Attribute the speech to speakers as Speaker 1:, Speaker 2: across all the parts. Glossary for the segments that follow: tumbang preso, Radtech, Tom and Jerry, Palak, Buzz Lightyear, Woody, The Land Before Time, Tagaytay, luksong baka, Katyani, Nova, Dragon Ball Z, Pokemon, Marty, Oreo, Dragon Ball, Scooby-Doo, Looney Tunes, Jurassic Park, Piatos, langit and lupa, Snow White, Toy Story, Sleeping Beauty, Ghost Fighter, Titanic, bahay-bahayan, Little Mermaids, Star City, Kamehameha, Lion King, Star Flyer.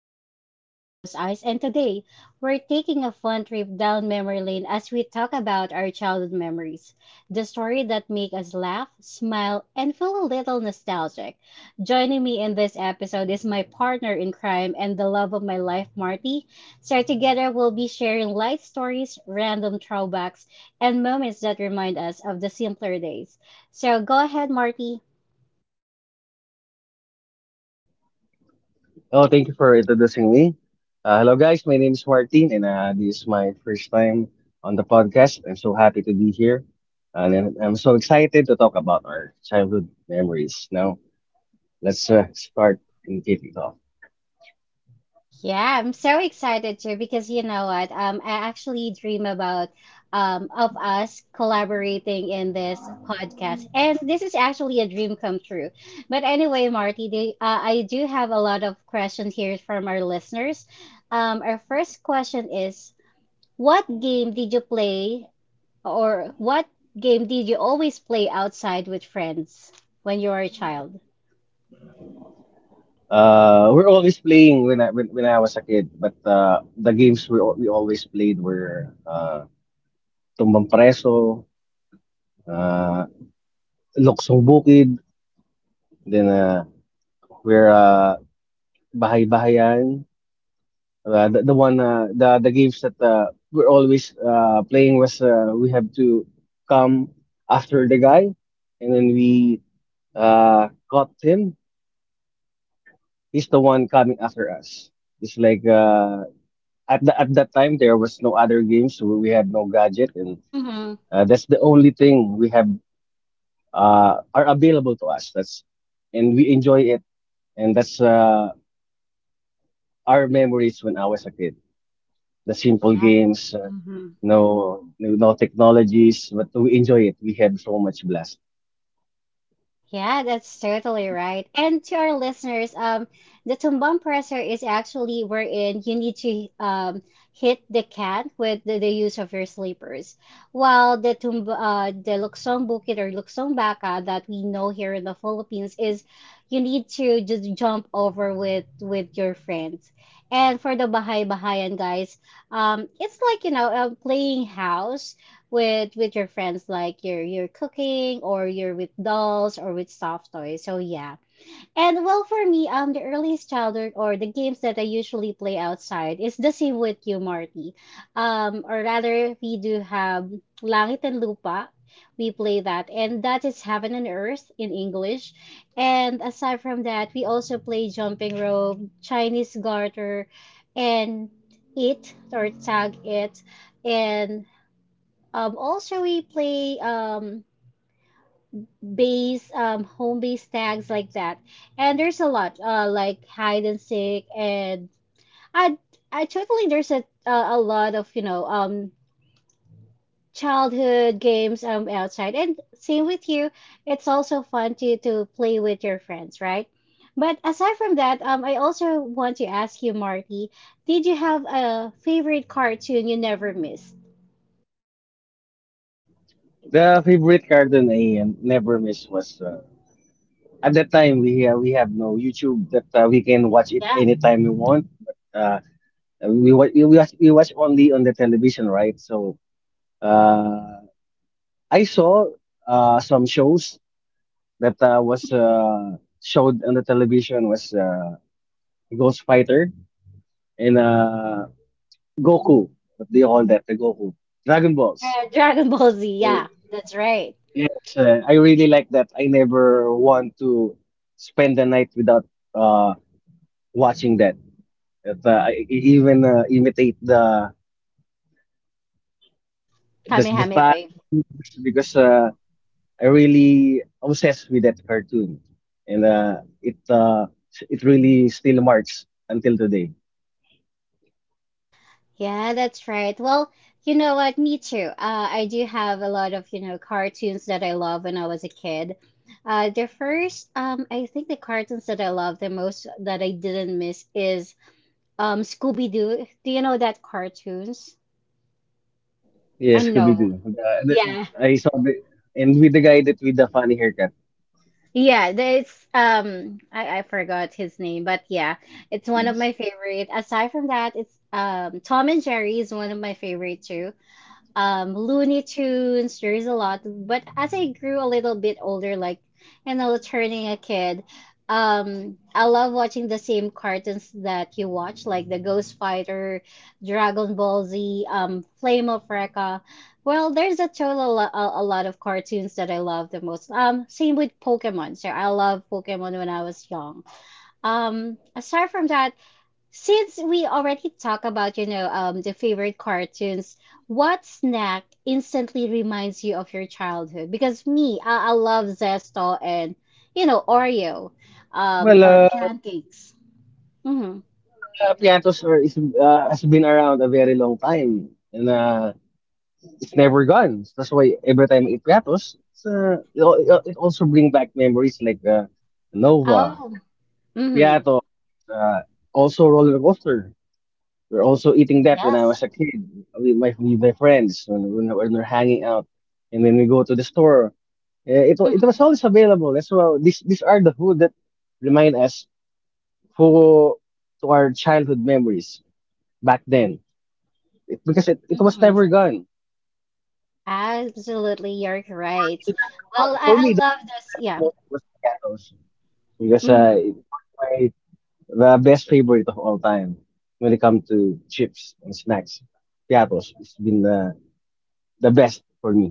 Speaker 1: Ice Things. I'm your host, Ice, and today we're taking a fun trip down memory lane as we talk about our childhood memories, the story that make us laugh, smile, and feel a little nostalgic. Joining me in this episode is my partner in crime and the love of my life, Marty. So, together we'll be sharing light stories, random throwbacks, and moments that remind us of the simpler days. So, go ahead, Marty.
Speaker 2: Oh, thank you for introducing me. Hello, guys. My name is Martin, and this is my first time on the podcast. I'm so happy to be here, and I'm so excited to talk about our childhood memories. Now, let's start and kick it off.
Speaker 1: Yeah, I'm so excited too because you know what? I actually dream about of us collaborating in this podcast, and this is actually a dream come true. But anyway, Marty, I do have a lot of questions here from our listeners. Our first question is, what game did you play, or what game did you always play outside with friends when you were a child?
Speaker 2: We're always playing when I was a kid, but the games we always played were tumbang preso, uh, luksong bukid, then we're bahay-bahayan. The the, one the games that we're always playing was we have to come after the guy, and then we caught him. He's the one coming after us. It's like at that time there was no other games, so we had no gadget, and
Speaker 1: Mm-hmm.
Speaker 2: that's the only thing we have are available to us. That's and we enjoy it, and that's our memories when I was a kid. The simple
Speaker 1: Yeah.
Speaker 2: games, no no technologies, but we enjoy it. We had so much blast.
Speaker 1: Yeah, that's totally right. And to our listeners, the tumbang presser is actually wherein you need to hit the can with the use of your slippers. While the tumb the luksong bukid or luksong baka that we know here in the Philippines is you need to just jump over with your friends. And for the Bahay Bahayan guys, it's like playing house with your friends like you're cooking or you're with dolls or with soft toys. So yeah, and well, for me, the earliest childhood or the games that I usually play outside is the same with you, Marty. Or rather, we do have langit and lupa. We play that, and that is heaven and earth in English. And aside from that, we also play jumping rope, Chinese garter, and it, or tag it. And also, we play base, home base tags like that, and there's a lot, like hide and seek, and I, I totally there's a lot of childhood games outside. And same with you, it's also fun to play with your friends, right? But aside from that, I also want to ask you, Marty, did you have a favorite cartoon you never missed?
Speaker 2: The favorite cartoon I never miss was at that time we have no YouTube that we can watch it
Speaker 1: Yeah.
Speaker 2: anytime we want. But we watch only on the television, right? So uh, I saw some shows that was
Speaker 1: Hmm.
Speaker 2: showed on the television was Ghost Fighter and Goku. What do you call that? The Goku Dragon Balls.
Speaker 1: Dragon Ball Z. Yeah, that's right.
Speaker 2: Yes, I really like that. I never want to spend the night without uh, watching that. That, I even imitate the
Speaker 1: Kamehameha
Speaker 2: style,
Speaker 1: wave.
Speaker 2: the moves, because I really obsessed with that cartoon, and it really still marks until today.
Speaker 1: Yeah, that's right. Well, you know what? Me too. I do have a lot of, you know, cartoons that I love when I was a kid. The first, I think the cartoons that I love the most that I didn't miss is Scooby-Doo. Do you know that cartoons?
Speaker 2: Yes,
Speaker 1: No.
Speaker 2: Scooby-Doo. That-
Speaker 1: Yeah.
Speaker 2: I saw the and with the guy that with the funny haircut.
Speaker 1: Yeah, it's um, I forgot his name, but yeah, it's one of my
Speaker 2: Yes.
Speaker 1: favorite. Aside from that, it's Tom and Jerry is one of my favorite too. Um, Looney Tunes, there's a lot. But as I grew a little bit older, like you know, turning a kid, I love watching the same cartoons that you watch, like the Ghost Fighter, Dragon Ball Z, Flame of Recca. Well, there's a total a lot of cartoons that I love the most. Same with Pokemon. So I love Pokemon when I was young. Aside from that, since we already talk about, you know, the favorite cartoons, what snack instantly reminds you of your childhood? Because me, I love Zesto and, you know, Oreo,
Speaker 2: Well,
Speaker 1: or
Speaker 2: uh,
Speaker 1: pancakes. Mm-hmm.
Speaker 2: Pianto Sir is, has been around a very long time, and it's never gone. That's why every time I eat Piatos, it's, it, al- it al- it also brings back memories like Nova,
Speaker 1: Oh, mm-hmm.
Speaker 2: Piatos, also roller coaster. We're also eating that when I was
Speaker 1: Yes.
Speaker 2: a kid with my friends when we're hanging out, and then we go to the store. It was always available. That's why these are the food that remind us who to our childhood memories back then. Because it was
Speaker 1: Mm-hmm.
Speaker 2: never gone.
Speaker 1: Absolutely, you're
Speaker 2: For me,
Speaker 1: right.
Speaker 2: the one
Speaker 1: Well,
Speaker 2: for me
Speaker 1: I
Speaker 2: the
Speaker 1: love
Speaker 2: one that
Speaker 1: this.
Speaker 2: stand the
Speaker 1: Yeah.
Speaker 2: most was Piatos because
Speaker 1: Mm-hmm.
Speaker 2: it was my the best favorite of all time when it comes to chips and snacks. Piatos, it's been the best for me.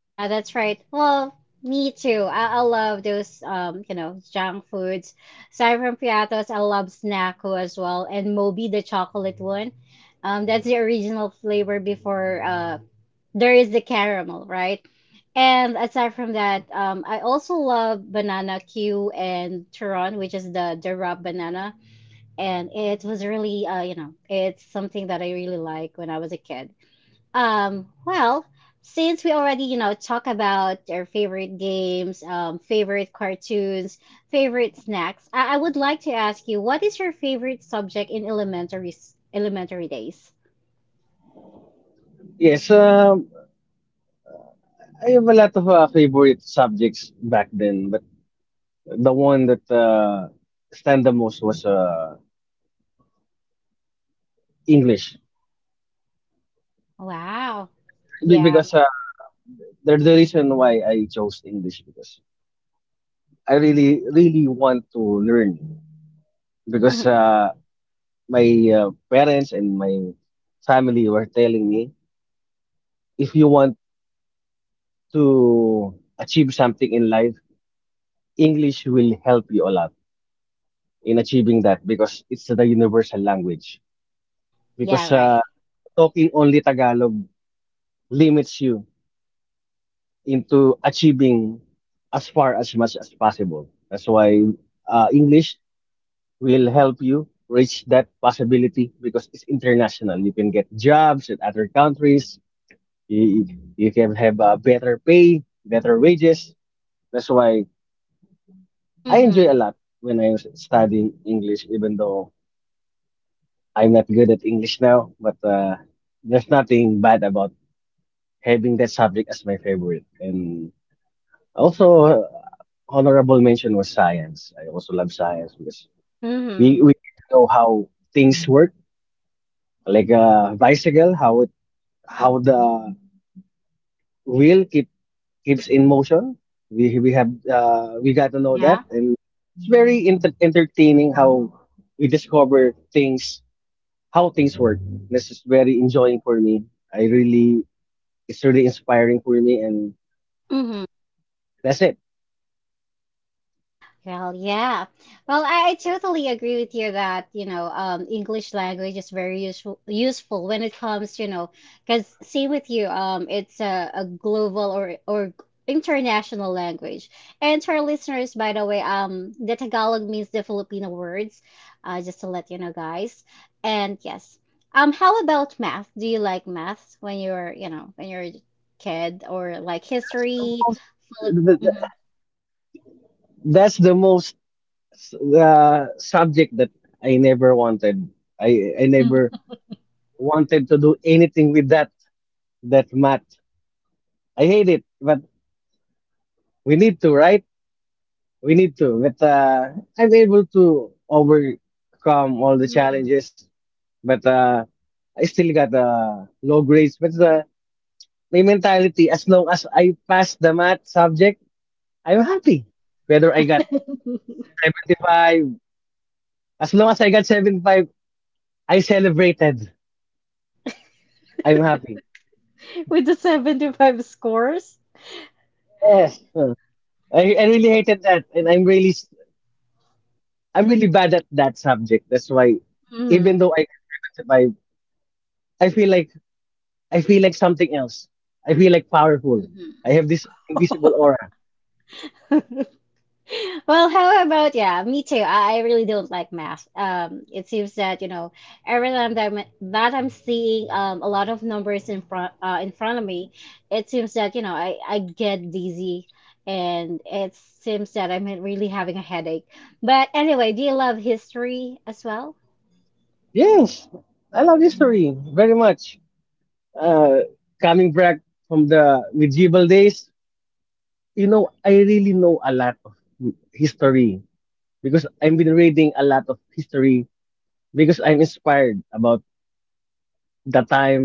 Speaker 1: Yeah, that's right. Well, me too. I love those, you know, junk foods. Aside from Piatos, I love Snacko as well, and Moby, the chocolate one. That's the original flavor before there is the caramel, right? And aside from that, I also love banana Q and Turon, which is the raw banana, and it was really, you know, it's something that I really like when I was a kid. Well, since we already, you know, talk about our favorite games, favorite cartoons, favorite snacks, I would like to ask you, what is your favorite subject in elementary days?
Speaker 2: Yes, I have a lot of favorite subjects back then, but the one that stand the most was English
Speaker 1: Wow.
Speaker 2: because
Speaker 1: Yeah.
Speaker 2: because uh, the reason why I chose English because I really, really want to learn because
Speaker 1: Mm-hmm.
Speaker 2: my parents and my family were telling me if you want to achieve something in life, English will help you a lot in achieving that because it's the universal language.
Speaker 1: Yeah,
Speaker 2: Because
Speaker 1: right.
Speaker 2: uh, talking only Tagalog limits you into achieving as far as much as possible. That's why English will help you reach that possibility because it's international. You can get jobs in other countries. You, you can have better pay, better wages. That's why I enjoy a
Speaker 1: Mm-hmm.
Speaker 2: lot when I was studying English, even though I'm not good at English now. But there's nothing bad about having that subject as my favorite. And also, honorable mention was science. I also love science because
Speaker 1: Mm-hmm.
Speaker 2: we get to know how things work like a bicycle, how the wheel keep keeps in motion. We have we got to know that,
Speaker 1: Yeah.
Speaker 2: and it's very entertaining how we discover things, how things work. This is very enjoying for me. I really, it's really inspiring for me, and
Speaker 1: Mm-hmm.
Speaker 2: that's it.
Speaker 1: Well, yeah. Well, I totally agree with you that, you know, English language is very useful when it comes, you know, because same with you, it's a global or international language. And to our listeners, by the way, the Tagalog means the Filipino words, just to let you know, guys. And yes, how about math? Do you like math when you're, you know, when you're a kid, or like
Speaker 2: That's the
Speaker 1: history?
Speaker 2: most.
Speaker 1: Filip-
Speaker 2: The, the,
Speaker 1: Mhm.
Speaker 2: that's the most subject that I never wanted. I never
Speaker 1: Mm.
Speaker 2: wanted to do anything with that math. I hate it, but we need to, right? We need to. But I'm able to overcome all the challenges. But I still got low grades. But my mentality, as long as I pass the math subject, I'm happy. Whether I got
Speaker 1: Mhm.
Speaker 2: 75, as long as I got 75, I celebrated. I'm happy.
Speaker 1: With the 75 scores.
Speaker 2: Yes. Huh. I really hated that. And I'm really bad at that subject. That's why, even
Speaker 1: Hmm.
Speaker 2: though I got 75, I feel like I feel like something else. I feel like powerful. I
Speaker 1: Hmm.
Speaker 2: have this invisible aura.
Speaker 1: Well, how about, yeah, me too. I really don't like math. It seems that every time that that I'm seeing a lot of numbers in front of me, it seems that you know I get dizzy, and it seems that I'm really having a headache. But anyway, do you love history as well?
Speaker 2: Yes, I love history very much. Uh, Coming back from the medieval days, you know, I really know a lot of history because I've been reading a lot of history because I'm inspired about the time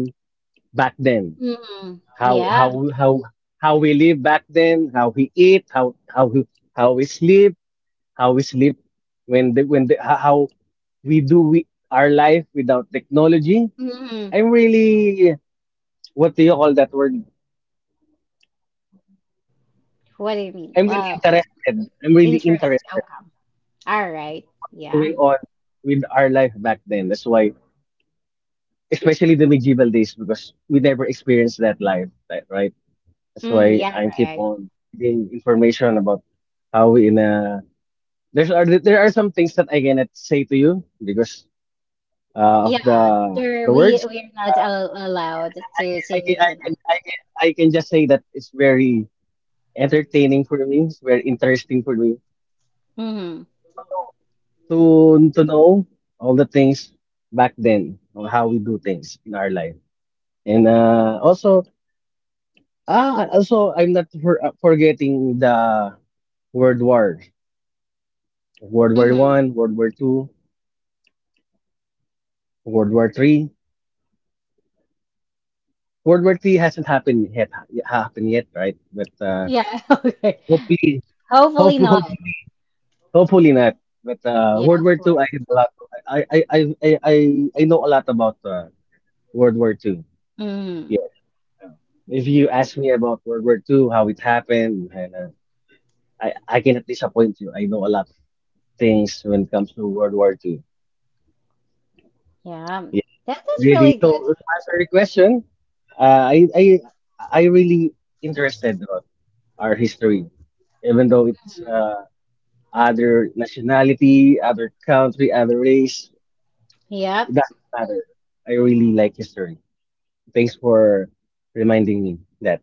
Speaker 2: back then,
Speaker 1: Hmm.
Speaker 2: how
Speaker 1: Yeah.
Speaker 2: how how how we live back then, how we eat, how we sleep how we sleep, how our life without technology.
Speaker 1: Hmm.
Speaker 2: I'm really what do you call that word?
Speaker 1: What do you mean?
Speaker 2: I'm really
Speaker 1: Well,
Speaker 2: interested. I'm really
Speaker 1: interesting. Okay.
Speaker 2: interested
Speaker 1: All right.
Speaker 2: on what's
Speaker 1: Yeah.
Speaker 2: going on with our life back then. That's why, especially the medieval days, because we never experienced that life, right? That's
Speaker 1: Mm,
Speaker 2: why
Speaker 1: yeah,
Speaker 2: I keep
Speaker 1: right.
Speaker 2: on reading information about how we in a there are some things that I cannot say to you because uh, of
Speaker 1: Yeah,
Speaker 2: the
Speaker 1: sure.
Speaker 2: the
Speaker 1: We
Speaker 2: words, but
Speaker 1: we're not al allowed
Speaker 2: I
Speaker 1: to
Speaker 2: can I
Speaker 1: say,
Speaker 2: can I
Speaker 1: you
Speaker 2: can I can I can just say that it's very entertaining for me. It's very interesting for me
Speaker 1: know.
Speaker 2: to know to know all the things back then or how we do things in our life. And also I'm not for, forgetting the World War, World
Speaker 1: Hmm.
Speaker 2: War
Speaker 1: Hmm.
Speaker 2: One, World War Two, World War Three. World War Three hasn't happened yet happened yet, right? But
Speaker 1: Yeah, okay.
Speaker 2: hopefully hope
Speaker 1: Hopefully not.
Speaker 2: hopefully hopefully not. But
Speaker 1: Yeah,
Speaker 2: World War
Speaker 1: of
Speaker 2: Two, I have
Speaker 1: course.
Speaker 2: a lot. To, I know a lot about World War Two.
Speaker 1: Hmm.
Speaker 2: Yes. If you ask me about World War Two, how it happened, and I cannot disappoint you. I know a lot of things when it comes to World War Two.
Speaker 1: Yeah.
Speaker 2: Yes,
Speaker 1: That,
Speaker 2: I
Speaker 1: that's
Speaker 2: really.
Speaker 1: really good.
Speaker 2: So to answer your question, uh, I, I, I really interested about our history, even though it's
Speaker 1: Hmm.
Speaker 2: other nationality, other country, other race.
Speaker 1: Yep.
Speaker 2: It doesn't matter. I really like history. Thanks for reminding me that.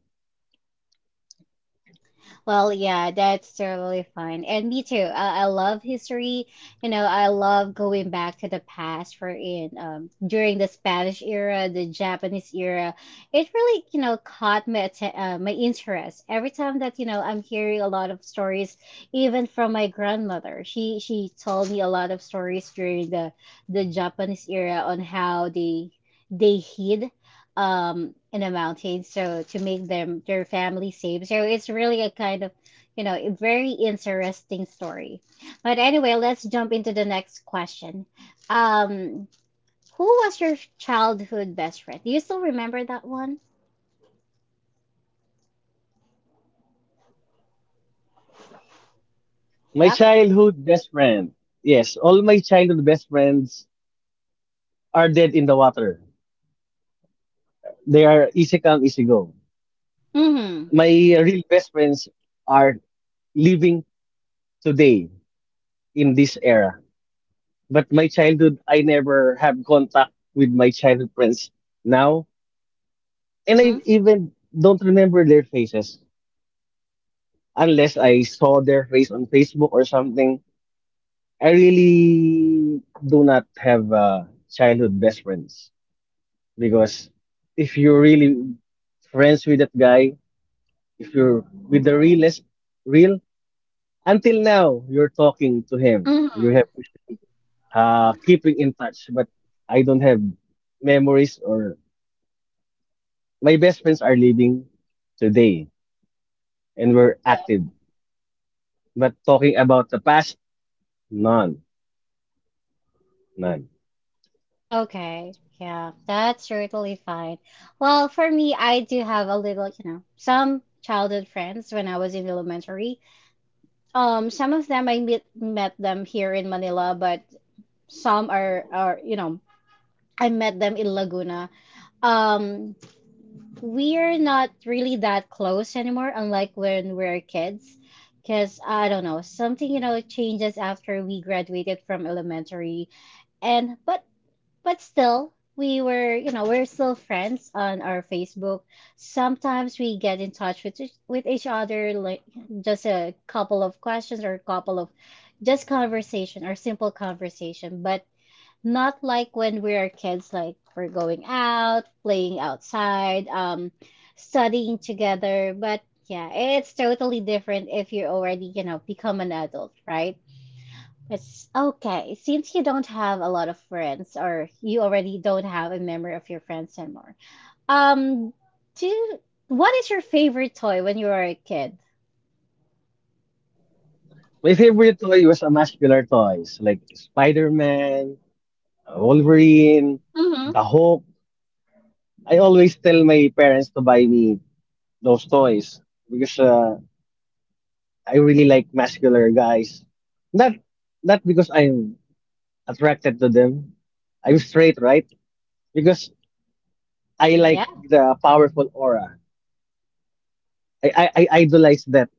Speaker 1: Well, yeah, that's totally fine. And me too. I love history. You know, I love going back to the past for in during the Spanish era, the Japanese era. It really, you know, caught my my interest. Every time that, you know, I'm hearing a lot of stories even from my grandmother. She told me a lot of stories during the Japanese era on how they hid in the mountains, so to make them their family safe. So it's really a kind of, you know, a very interesting story. But anyway, let's jump into the next question. um who was your childhood best friend? Do you still remember that one?
Speaker 2: My
Speaker 1: Yep.
Speaker 2: childhood best friend. Yes, all my childhood best friends are dead in the water. They are easy come, easy go.
Speaker 1: Mm-hmm.
Speaker 2: My real best friends are living today in this era. But my childhood, I never have contact with my childhood friends now. And I
Speaker 1: Mm-hmm.
Speaker 2: even don't remember their faces unless I saw their face on Facebook or something. I really do not have childhood best friends because if you're really friends with that guy, if you're with the realest, real, until now, you're talking to him. You
Speaker 1: Mm-hmm.
Speaker 2: have you still keeping in touch, but I don't have memories or my best friends are living today and were active. But talking about the past, none, none.
Speaker 1: Okay, yeah, that's totally fine. Well, for me, I do have a little, you know, some childhood friends when I was in elementary. Some of them I met them here in Manila, but some are you know I met them in Laguna. Um, we're not really that close anymore, unlike when we're kids, because I don't know, something you know changes after we graduated from elementary, and but still, we were, you know, we're still friends on our Facebook. Sometimes we get in touch with each other, like just a couple of questions or a couple of just conversation or simple conversation, but not like when we are kids, like we're going out, playing outside, studying together. But yeah, it's totally different if you already, you know, become an adult, right? It's okay. Since you don't have a lot of friends, or you already don't have a memory of your friends anymore, um, do what is your favorite toy when you were a kid?
Speaker 2: My favorite toy was a muscular toys like Spider-Man, Wolverine,
Speaker 1: Mm-hmm.
Speaker 2: The Hulk. I always tell my parents to buy me those toys because I really like muscular guys. Not not because I'm attracted to them. I'm straight, right? Because I like
Speaker 1: Yeah.
Speaker 2: the powerful aura. I idolize that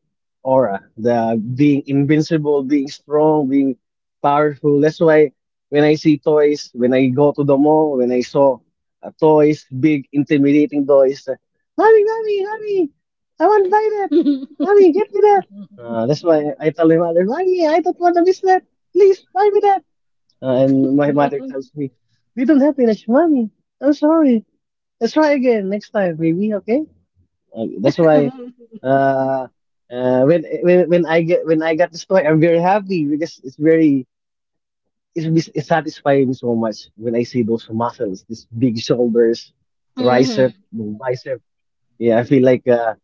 Speaker 2: aura, the being invincible, being strong, being powerful. That's why when I see toys, when I go to the mall, when I saw toys, big intimidating toys, mommy, mommy, mommy, I want to buy that. Mommy, get me that. That's why I tell my mother, mommy, I don't want to miss that. Please buy me that. And my mother tells me, we don't have enough money. I'm sorry. Let's try again next time, maybe, okay? That's why uh, when I get when I got this toy, I'm very happy because it's very it's, mis- it satisfies me so much when I see those muscles, these big shoulders, tricep,
Speaker 1: Mm-hmm.
Speaker 2: bicep. Yeah, I feel like uh,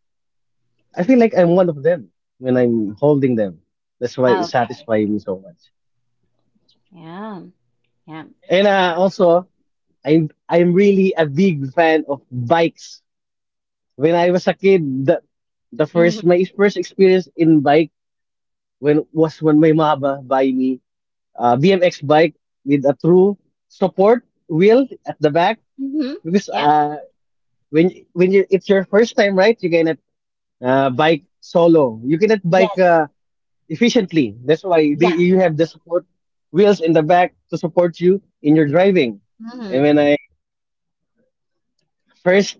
Speaker 2: I feel like I'm one of them when I'm holding them. That's why it
Speaker 1: Okay.
Speaker 2: satisfies me so much.
Speaker 1: Yeah. Yeah.
Speaker 2: And also, I'm really a big fan of bikes. When I was a kid, the first
Speaker 1: Mm-hmm.
Speaker 2: my first experience in bike when was when my mama buy me a BMX bike with a true support wheel at the back
Speaker 1: Mm-hmm.
Speaker 2: because
Speaker 1: Yeah.
Speaker 2: uh when when you, it's your first time, right? You cannot bike solo, you cannot bike
Speaker 1: Yes.
Speaker 2: efficiently. That's why
Speaker 1: Yeah.
Speaker 2: you have the support wheels in the back to support you in your driving. And
Speaker 1: Mm-hmm.
Speaker 2: when I first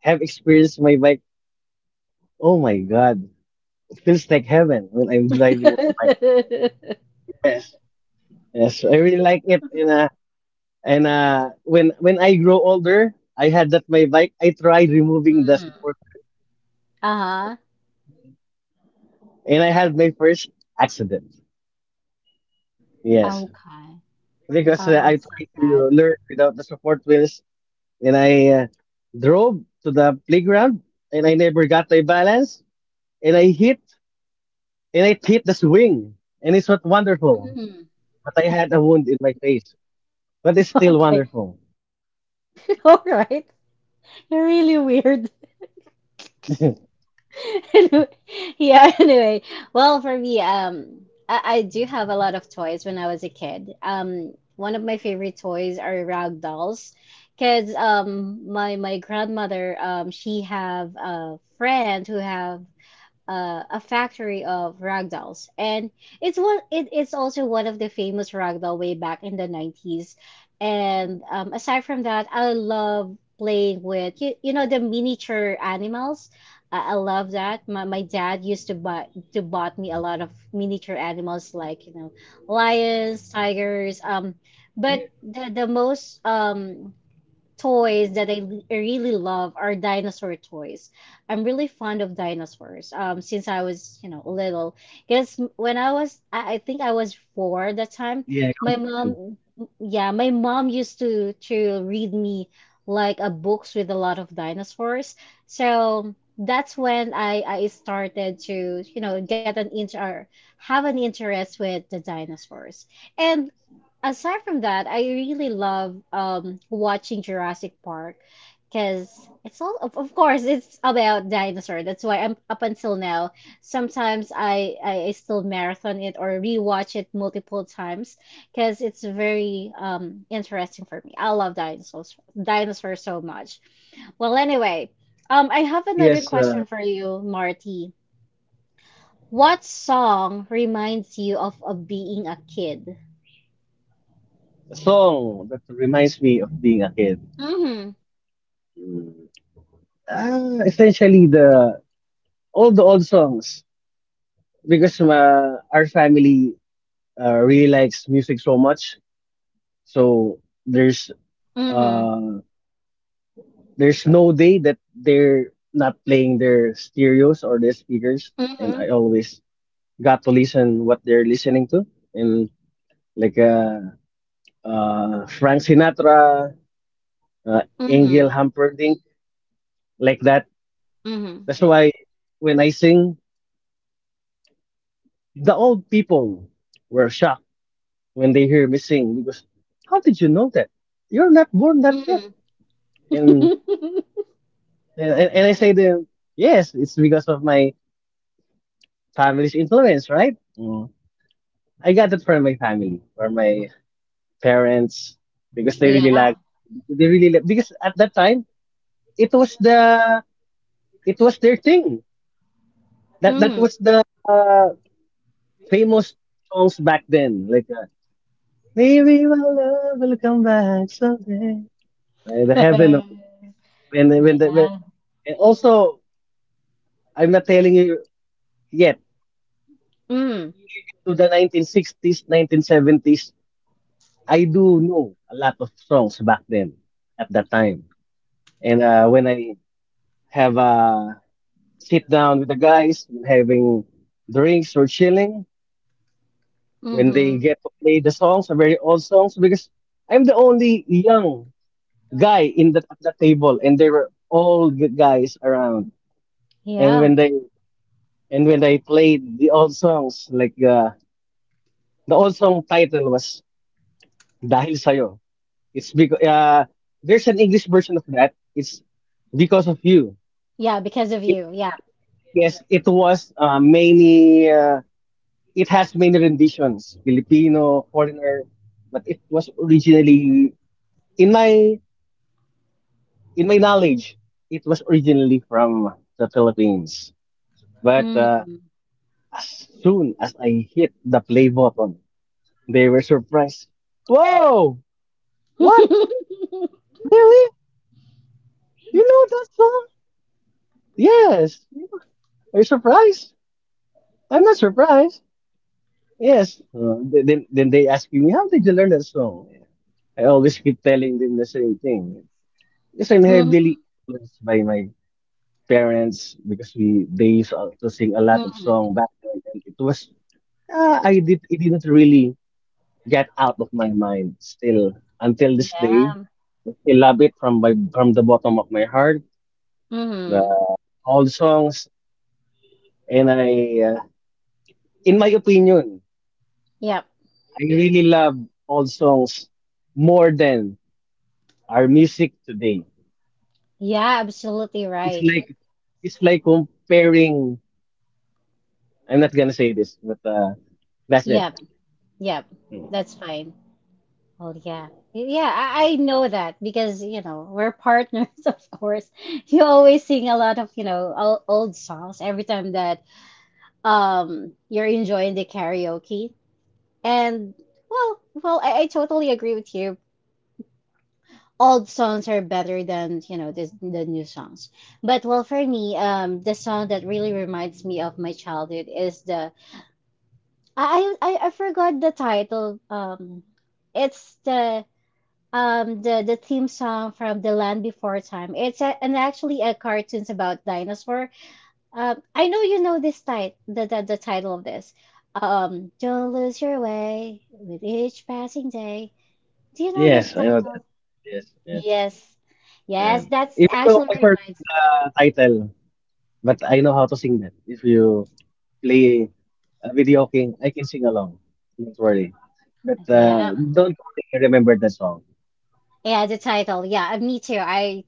Speaker 2: have experienced my bike, oh my god, it feels like heaven when I'm driving my bike. Yes, yes, I really like it. And when I grow older, I had that my bike. I tried removing the
Speaker 1: Mm-hmm.
Speaker 2: support wheels,
Speaker 1: Uh-huh.
Speaker 2: and I had my first accident. Yes,
Speaker 1: Okay.
Speaker 2: because
Speaker 1: Oh,
Speaker 2: I
Speaker 1: so
Speaker 2: tried
Speaker 1: sad.
Speaker 2: to learn without the support wheels, and I drove to the playground, and I never got my balance, and I hit the swing, and it's not wonderful.
Speaker 1: Mm-hmm.
Speaker 2: But I had a wound in my face, but it's still
Speaker 1: Okay.
Speaker 2: wonderful.
Speaker 1: All right. Really weird. Anyway, yeah, anyway. Well, for me, I do have a lot of toys when I was a kid. One of my favorite toys are rag dolls, because my my grandmother she have a friend who have a factory of ragdolls, and it's one. It, it's also one of the famous ragdoll way back in the '90s. And aside from that, I love playing with you, you know, the miniature animals. I love that. My dad used to buy to bought me a lot of miniature animals like you know lions, tigers. But the most toys that I really love are dinosaur toys. I'm really fond of dinosaurs. Since I was, you know, little, because when I was, I think I was four at that time.
Speaker 2: Yeah,
Speaker 1: My
Speaker 2: count me in.
Speaker 1: mom, yeah, my mom used to read me like a books with a lot of dinosaurs. So that's when I started to, you know, get an inter, or have an interest with the dinosaurs. And aside from that, I really love watching Jurassic Park because it's of course it's about dinosaur. That's why I'm up until now. Sometimes I still marathon it or rewatch it multiple times because it's very interesting for me. I love dinosaurs so much. Well, anyway, I have another
Speaker 2: Yes,
Speaker 1: question
Speaker 2: uh,
Speaker 1: for you, Marty. What song reminds you of being a kid?
Speaker 2: a song that reminds me of being a kid.
Speaker 1: Mm-hmm.
Speaker 2: Essentially the all the old songs, because our family really likes music so much. So there's
Speaker 1: Mm-hmm.
Speaker 2: uh, there's no day that they're not playing their stereos or their speakers, and
Speaker 1: Mm-hmm.
Speaker 2: I always got to listen what they're listening to, and like Frank Sinatra, uh, Engel
Speaker 1: Mm-hmm.
Speaker 2: Humperdinck, like that.
Speaker 1: Mm-hmm.
Speaker 2: That's why when I sing, the old people were shocked when they hear me sing, because how did you know that, you're not born that yet. And
Speaker 1: Mm-hmm.
Speaker 2: and I say to them, yes, it's because of my family's influence, right? Mm. I got it from my family or my parents, because they really
Speaker 1: Yeah.
Speaker 2: like, they really like, because at that time it was the, it was their thing, that
Speaker 1: Mm-hmm.
Speaker 2: was the famous songs back then, like maybe my love will come back someday. The heaven knows, right? When when the when,
Speaker 1: Yeah.
Speaker 2: and also, I'm not telling you yet.
Speaker 1: Mm.
Speaker 2: Even to the 1960s, 1970s, I do know a lot of songs back then at that time. And when I have a sit down with the guys, having drinks or chilling, when they
Speaker 1: Mm-hmm.
Speaker 2: get to play the songs, the very old songs, because I'm the only young guy in the at the table, and there were all old guys around. And
Speaker 1: Yeah.
Speaker 2: when they And when I played the old songs, like the old song title was Dahil Sa'yo. It's because there's an English version of that. It's because of you.
Speaker 1: Yeah, because of
Speaker 2: It
Speaker 1: you. Yeah.
Speaker 2: it Yes, it was many. It has many renditions, Filipino, foreigner, but it was originally in my in my knowledge, it was originally from the Philippines. But
Speaker 1: Mm-hmm.
Speaker 2: as soon as I hit the play button, they were surprised. Whoa! What? Really? You know that song? Yes. Are you surprised? I'm not surprised. Yes. Then they ask me, how did you learn that song? I always keep telling them the same thing. Because I'm
Speaker 1: Mm-hmm.
Speaker 2: heavily influenced by my parents, because we they used to sing a lot of song
Speaker 1: Mm-hmm.
Speaker 2: back then, and it was I did it didn't really get out of my mind still until this day.
Speaker 1: Yeah.
Speaker 2: I still love it from my, from the bottom of my heart,
Speaker 1: Mm-hmm.
Speaker 2: uh, all songs. And I uh, in my opinion,
Speaker 1: Yep.
Speaker 2: I really love all songs more than our music today.
Speaker 1: Yeah, absolutely
Speaker 2: It's
Speaker 1: right.
Speaker 2: like, it's like comparing, I'm not gonna say this but that's it.
Speaker 1: Yep. Yep. That's fine. Oh yeah. Yeah, I know that because, we're partners, of course. You always sing a lot of, old songs every time that you're enjoying the karaoke. And Well, I totally agree with you. Old songs are better than, the new songs. But well, for me, the song that really reminds me of my childhood is the I forgot the title. It's the theme song from The Land Before Time. It's a, and actually a cartoons about dinosaur. I know you know this title, the title of this. Don't lose your way with each passing day. Do you know that
Speaker 2: Yes, I know that.
Speaker 1: title?
Speaker 2: Yes, yes.
Speaker 1: Yes, yes,
Speaker 2: And
Speaker 1: that's
Speaker 2: even though
Speaker 1: actually
Speaker 2: I forgot
Speaker 1: reminds
Speaker 2: the title, but I know how to sing that. If you play a video, okay, I can sing along, don't worry. But
Speaker 1: me. Yeah,
Speaker 2: Don't worry, I remember the song.
Speaker 1: yeah, the title. Yeah, me too. I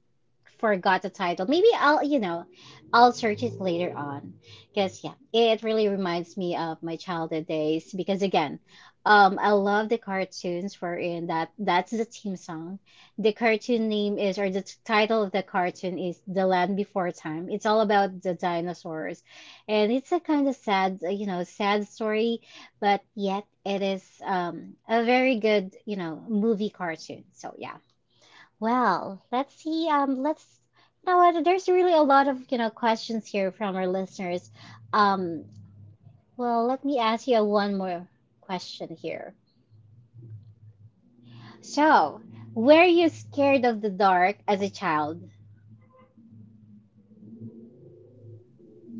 Speaker 1: forgot the title. Maybe I'll, I'll search it later on. Because, yeah, it really reminds me of my childhood days. Because, again, I love the cartoons wherein that's the theme song. The cartoon name is, or the title of the cartoon is The Land Before Time. It's all about the dinosaurs. And it's a kind of sad, sad story, but yet it is a very good, movie cartoon. So, yeah. Well, let's see. Let's. You know what? There's really a lot of questions here from our listeners. Um, well, let me ask you one more question here. So, were you scared of the dark as a child?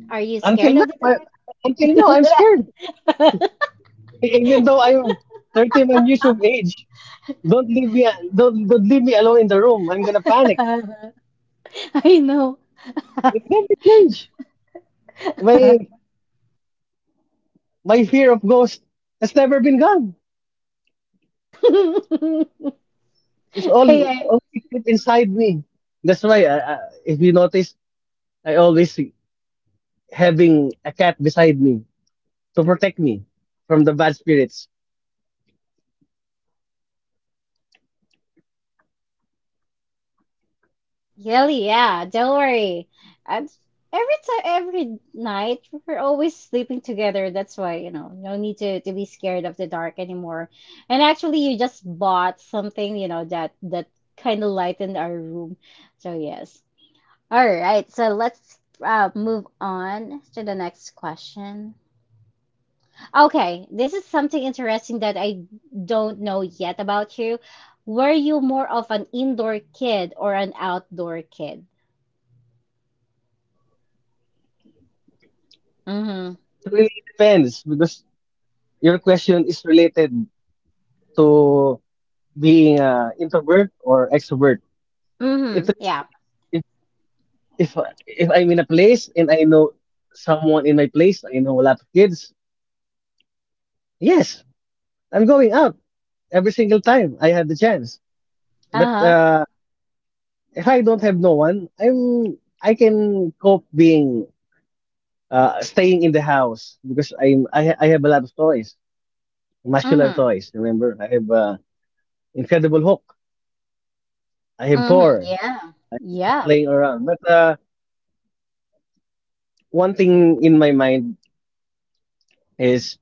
Speaker 1: Are you
Speaker 2: Until
Speaker 1: scared of
Speaker 2: now, until now, I'm
Speaker 1: the
Speaker 2: scared.
Speaker 1: dark?
Speaker 2: Even though I'm 31 years of age, don't leave me, don't leave me alone in the room. I'm gonna panic.
Speaker 1: I know.
Speaker 2: It never changed. My, my fear of ghosts has never been gone. It's
Speaker 1: I,
Speaker 2: all
Speaker 1: I
Speaker 2: always deep inside me. That's why, if you notice, I always having a cat beside me to protect me from the bad spirits.
Speaker 1: Yeah, yeah, don't worry. And every time, every night, we're always sleeping together. That's why, you know, no need to be scared
Speaker 2: Yeah,
Speaker 1: of the dark anymore. And actually, you just bought something, you know, that kind of lightened our room. So yes. All right, so let's move on to the next question. Okay, this is something interesting that I don't know yet about you. Were you more of an indoor kid or an outdoor kid? Mm-hmm.
Speaker 2: it really depends, because your question is related to being introvert or extrovert. It
Speaker 1: Mm-hmm.
Speaker 2: really
Speaker 1: Yeah.
Speaker 2: depends. If if I'm in a place and I know someone in my place, I know a lot of kids. Yes, I'm going out every single time I have the chance. But
Speaker 1: Uh-huh.
Speaker 2: if I don't have no one, I'm, I can cope being staying in the house, because I have a lot of toys, muscular
Speaker 1: Mm-hmm.
Speaker 2: toys. Remember, I have Incredible Hulk. I have
Speaker 1: Mm-hmm.
Speaker 2: Thor.
Speaker 1: Yeah.
Speaker 2: I, I'm
Speaker 1: Yeah.
Speaker 2: playing around. But one thing in my mind is,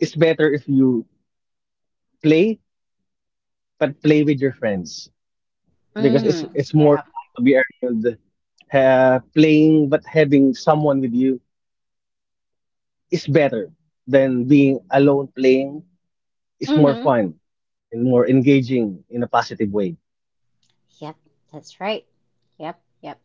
Speaker 2: it's better if you play, but play with your friends, because
Speaker 1: Mm-hmm.
Speaker 2: it's more
Speaker 1: Yeah.
Speaker 2: fun to be around. Playing but having someone with you is better than being alone playing. It's more
Speaker 1: Mm-hmm.
Speaker 2: fun and more engaging in a positive way.
Speaker 1: Yep, that's right. Yep, yep.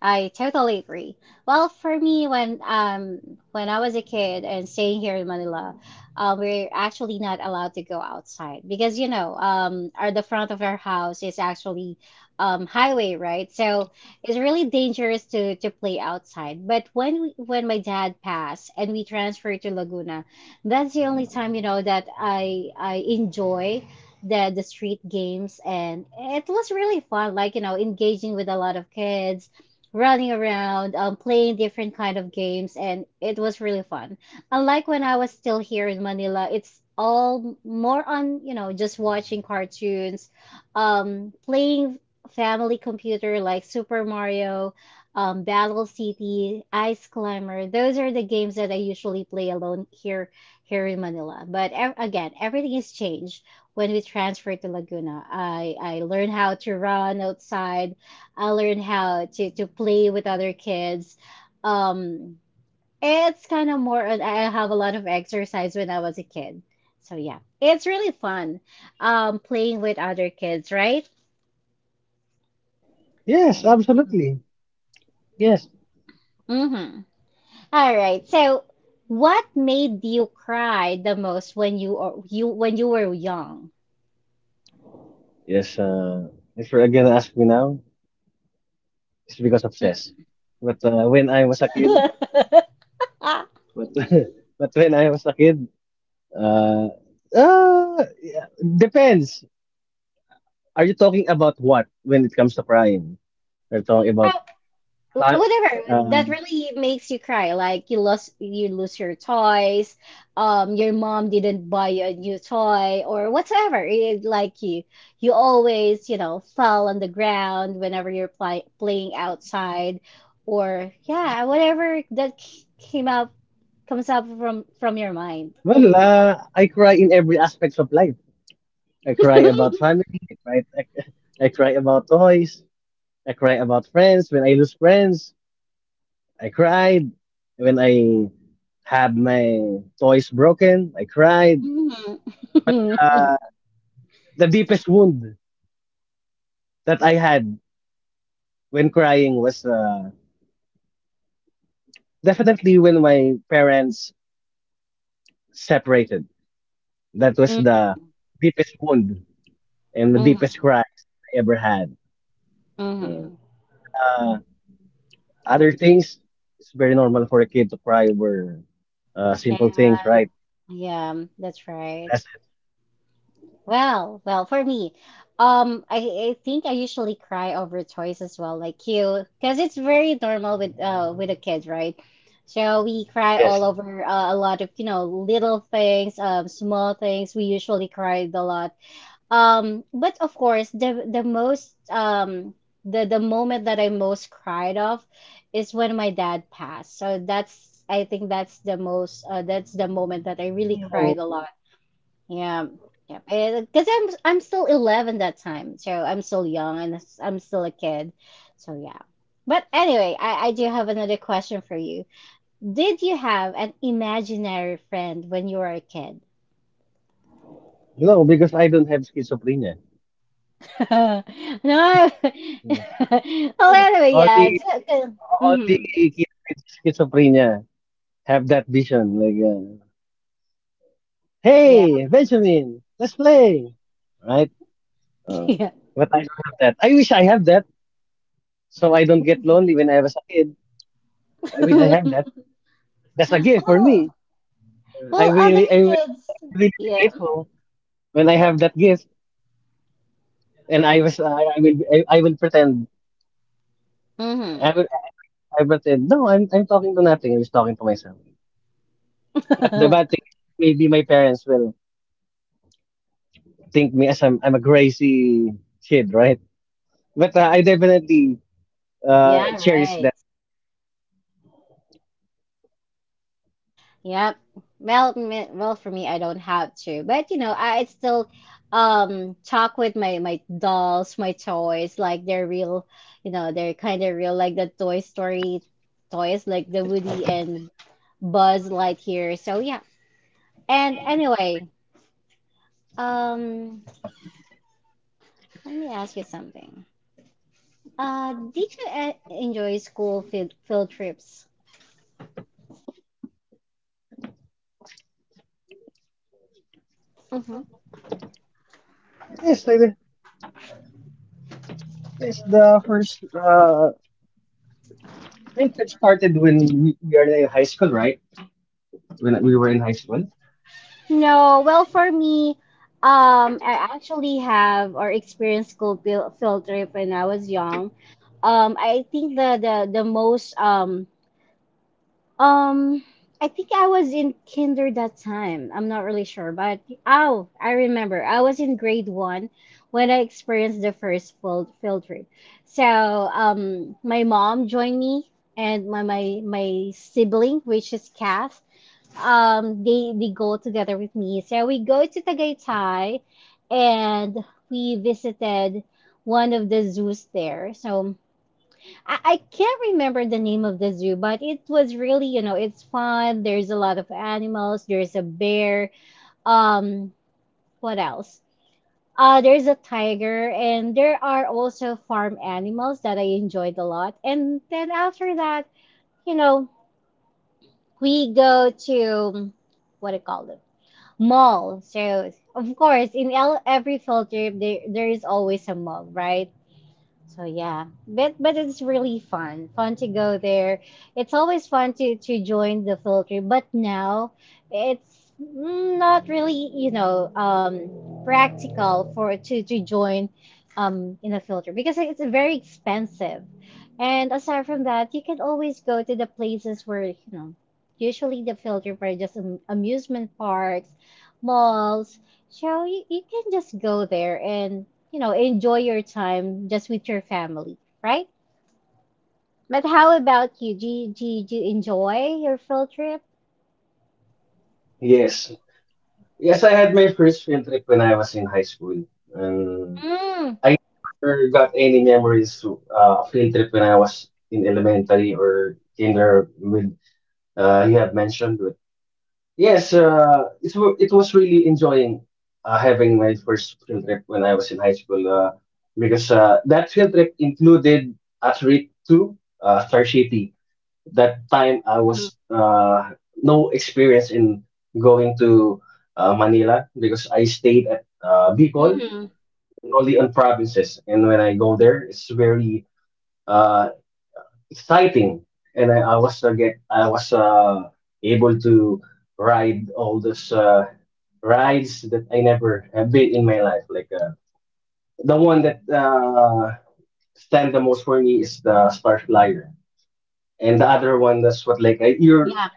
Speaker 1: I totally agree. Well, for me, when I was a kid and staying here in Manila, we're actually not allowed to go outside because our the front of our house is actually highway, right? So it's really dangerous to play outside. But when my dad passed and we transferred to Laguna, that's the only time you know that I enjoy the street games, and it was really fun, like you know, engaging with a lot of kids running around, playing different kind of games, and it was really fun, unlike when I was still here in Manila. It's all more on, you know, just watching cartoons, playing family computer like Super Mario, Battle City, Ice Climber. Those are the games that I usually play alone here, here in Manila. But again, everything has changed when we transferred to Laguna. I learned how to run outside. I learned how to play with other kids. Um, it's kind of more, I have a lot of exercise when I was a kid. So yeah, it's really fun playing with other kids, right? So
Speaker 2: Yes,
Speaker 1: yeah.
Speaker 2: absolutely. Yes,
Speaker 1: Mm-hmm. All right. So what made you cry the most when you or you when you were young?
Speaker 2: yes, if you're gonna ask me now, it's because of
Speaker 1: Mm.
Speaker 2: chess. But when I was a kid but But when I was a kid, Uh, yeah, depends. Are you talking about what, when it comes to crying? We're talking
Speaker 1: Oh,
Speaker 2: about, fa-
Speaker 1: Whatever
Speaker 2: uh,
Speaker 1: that really makes you cry, like you lose your toys, your mom didn't buy you a new toy or whatever. It, like you always, you know, fell on the ground whenever playing outside, or yeah, whatever that c- came up comes up from your mind.
Speaker 2: well, I cry in every aspect of life. I cry about family. I cry, I, I cry about toys. I cry about friends. When I lose friends, I cried. When I have my toys broken, I cried.
Speaker 1: Mhm.
Speaker 2: But the deepest wound that I had when crying was definitely when my parents separated. That was
Speaker 1: Mhm.
Speaker 2: the deepest wound and the deepest
Speaker 1: Mhm.
Speaker 2: cries I ever had. Yeah.
Speaker 1: Mhm.
Speaker 2: But other things, it's very normal for a kid to cry over simple things,
Speaker 1: And
Speaker 2: right? Yeah.
Speaker 1: yeah, that's right.
Speaker 2: That's it.
Speaker 1: Well, for me, I think I usually cry over toys as well, like you, because it's very normal with a kid, right? So we cry all
Speaker 2: Yes.
Speaker 1: over a lot of little things, small things. We usually cried a lot. But of course, the moment that I most cried of is when my dad passed. So that's, I think that's the most that's the moment that I really cried a lot.
Speaker 2: No,
Speaker 1: Yeah, yeah. Because I'm still 11 that time, so I'm still young and I'm still a kid. So yeah. But anyway, I do have another question for you. Did you have an imaginary friend when you were a kid?
Speaker 2: no, because I don't have schizophrenia.
Speaker 1: No. Well,
Speaker 2: So,
Speaker 1: anyway, yeah.
Speaker 2: only
Speaker 1: So, mm,
Speaker 2: only kids with schizophrenia have that vision. Like,
Speaker 1: yeah.
Speaker 2: hey, Benjamin, let's play, right?
Speaker 1: Yeah.
Speaker 2: But I don't have that. I wish I have that, so I don't get lonely when I was a kid. I wish I have that. That's a gift for me.
Speaker 1: Well, well, other
Speaker 2: I
Speaker 1: kids.
Speaker 2: will really be
Speaker 1: Yeah.
Speaker 2: grateful when I have that gift. And I was, I will, I will pretend.
Speaker 1: Mm-hmm.
Speaker 2: I will, and I will, I pretend. No, I'm talking to nothing. I was talking to myself. But the bad thing is, maybe my parents will think me as I'm a crazy kid, right? But I definitely
Speaker 1: Yeah,
Speaker 2: cherish
Speaker 1: right.
Speaker 2: that gift.
Speaker 1: Yep. Well, for me, I don't have to, but you know, I still talk with my dolls, my toys, like they're real, you know, they're kind of real, like the Toy Story toys, like the Woody and Buzz Lightyear. So yeah. And anyway, um, let me ask you something. Did you enjoy school field trips?
Speaker 2: Yes, I, that's the first I think it started when we are in high school, right? When we were in high school.
Speaker 1: No, well, for me, I actually have or experienced school field trip when I was young. I think the most um I think I was in kinder that time. I'm not really sure, but oh, I remember I was in grade one when I experienced the first field trip. So my mom joined me and my sibling, which is Kath, they go together with me. So we go to Tagaytay and we visited one of the zoos there. So I can't remember the name of the zoo, but it was really, you know, it's fun. There's a lot of animals, there's a bear, um what else? There's a tiger, and there are also farm animals that I enjoyed a lot. And then after that, you know, we go to, what do you call it? Mall. So, of course, in every filter, there is always a mall, right? So yeah, but it's really fun to go there. It's always fun to join the field trip, but now it's not really, you know, practical for, to join in a field trip because it's very expensive. And aside from that, you can always go to the places where you know usually the field trip are just amusement parks, malls. So you can just go there and, you know, enjoy your time just with your family, right? But how about you? Do you enjoy your field trip?
Speaker 2: Yes. Yes, I had my first field trip when I was in high school. And
Speaker 1: Mm,
Speaker 2: I never got any memories to field trip when I was in elementary or kinder with you have mentioned. But yes, it was really enjoying having my first field trip when I was in high school, because that field trip included a trip to Star City. That time I
Speaker 1: mm-hmm,
Speaker 2: was no experience in going to Manila, because I stayed at Bicol
Speaker 1: mm-hmm,
Speaker 2: and only on provinces. And when I go there, it's very uh, exciting. And I was able to ride all those rides that I never have been in my life. Like the one that stand the most for me is the Star Flyer, and the other one that's what like
Speaker 1: yeah,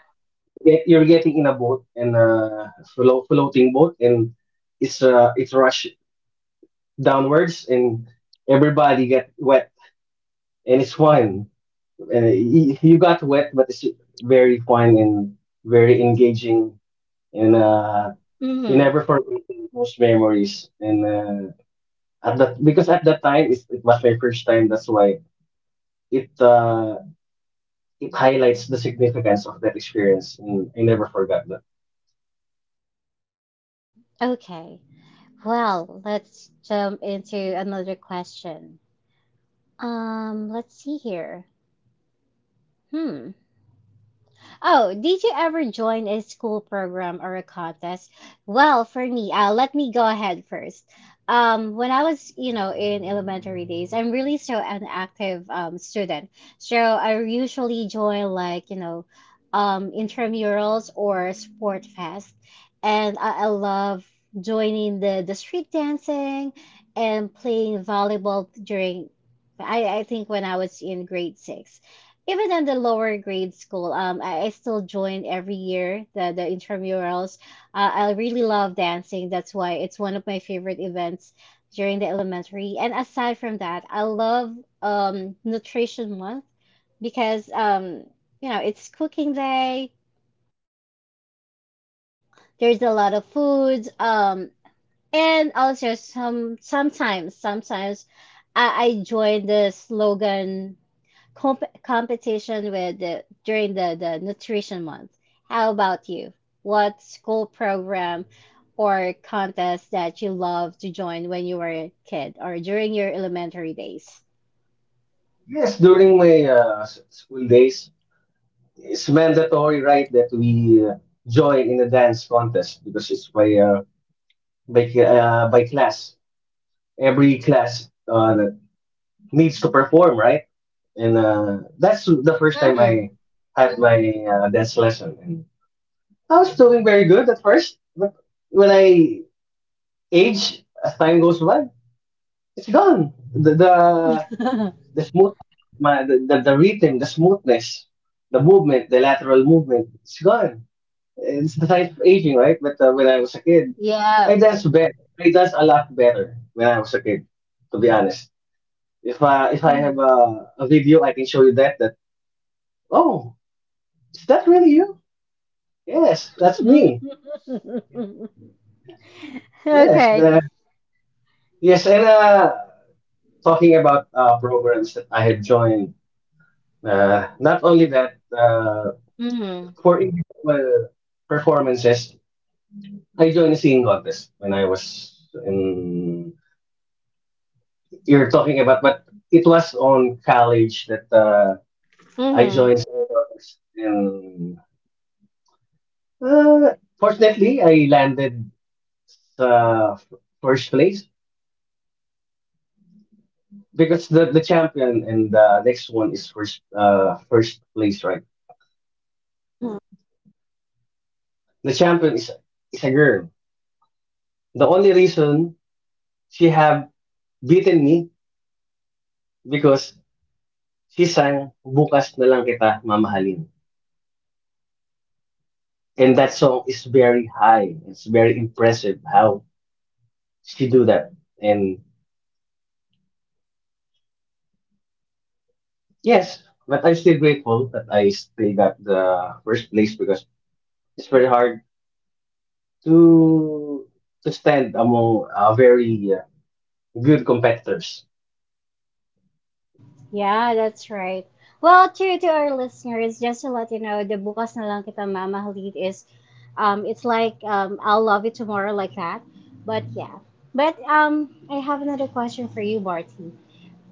Speaker 2: you're get you're getting in a boat, and float, floating boat, and it's rush downwards, and everybody get wet, and it's fun. And you got wet, but it's very fun and very engaging, and you
Speaker 1: mm-hmm.
Speaker 2: never forgot those memories. And at that because at that time, it was my first time, that's why it uh it highlights the significance of that experience, and I never forgot that.
Speaker 1: Okay. Well, let's jump into another question. Let's see here. Hmm. Oh, did you ever join a school program or a contest? Well, for me, let me go ahead first. When I was, you know, in elementary days, I'm really so an active student. So I usually join, like, you know, intramurals or sport fest. And I love joining the street dancing and playing volleyball during, I think when I was in grade six, even in the lower grade school, I still join every year the intramurals. I really love dancing. That's why it's one of my favorite events during the elementary. And aside from that, I love nutrition month because you know it's cooking day. There's a lot of foods. And also sometimes I join the slogan competition with during the nutrition month. How about you? What school program or contest that you love to join when you were a kid or during your elementary days?
Speaker 2: Yes, during my school days, it's mandatory, right, that we join in a dance contest, because it's by class. Every class that needs to perform, right? And that's the first time
Speaker 1: Mm.
Speaker 2: I had my dance lesson, and I was doing very good at first. But when I age, as time goes by, it's gone. The smoothness of my, the rhythm, the smoothness, the movement, the lateral movement, it's gone. It's aside of aging, right? But when I was a kid,
Speaker 1: yeah.
Speaker 2: I danced a lot better when I was a kid, to be honest. If I have
Speaker 1: Mm.
Speaker 2: a video, I can show you that. That, oh, is that really you? Yes, that's me. Yes,
Speaker 1: okay.
Speaker 2: the yes, and talking about programs that I have joined. Not only that,
Speaker 1: Mm.
Speaker 2: for individual performances, I joined a singing contest when I was in you're talking about, but it was on college that I
Speaker 1: Mm-hmm.
Speaker 2: joined singing contest, and uh, fortunately, I landed uh, f- first place, because the champion and the next one is first place, right?
Speaker 1: Mm-hmm.
Speaker 2: The champion is a girl. The only reason she have beaten me because she sang "Bukas na lang kita mamahalin," and that song is very high. It's very impressive how she do that and yes, but I'm still grateful that I still got the first place because it's very hard to stand among very good competitors.
Speaker 1: Yeah, that's right. Well, to our listeners, just to let you know, the bukas na lang kita mamahalin is, it's like I'll love you tomorrow like that. But yeah, but I have another question for you, Marty.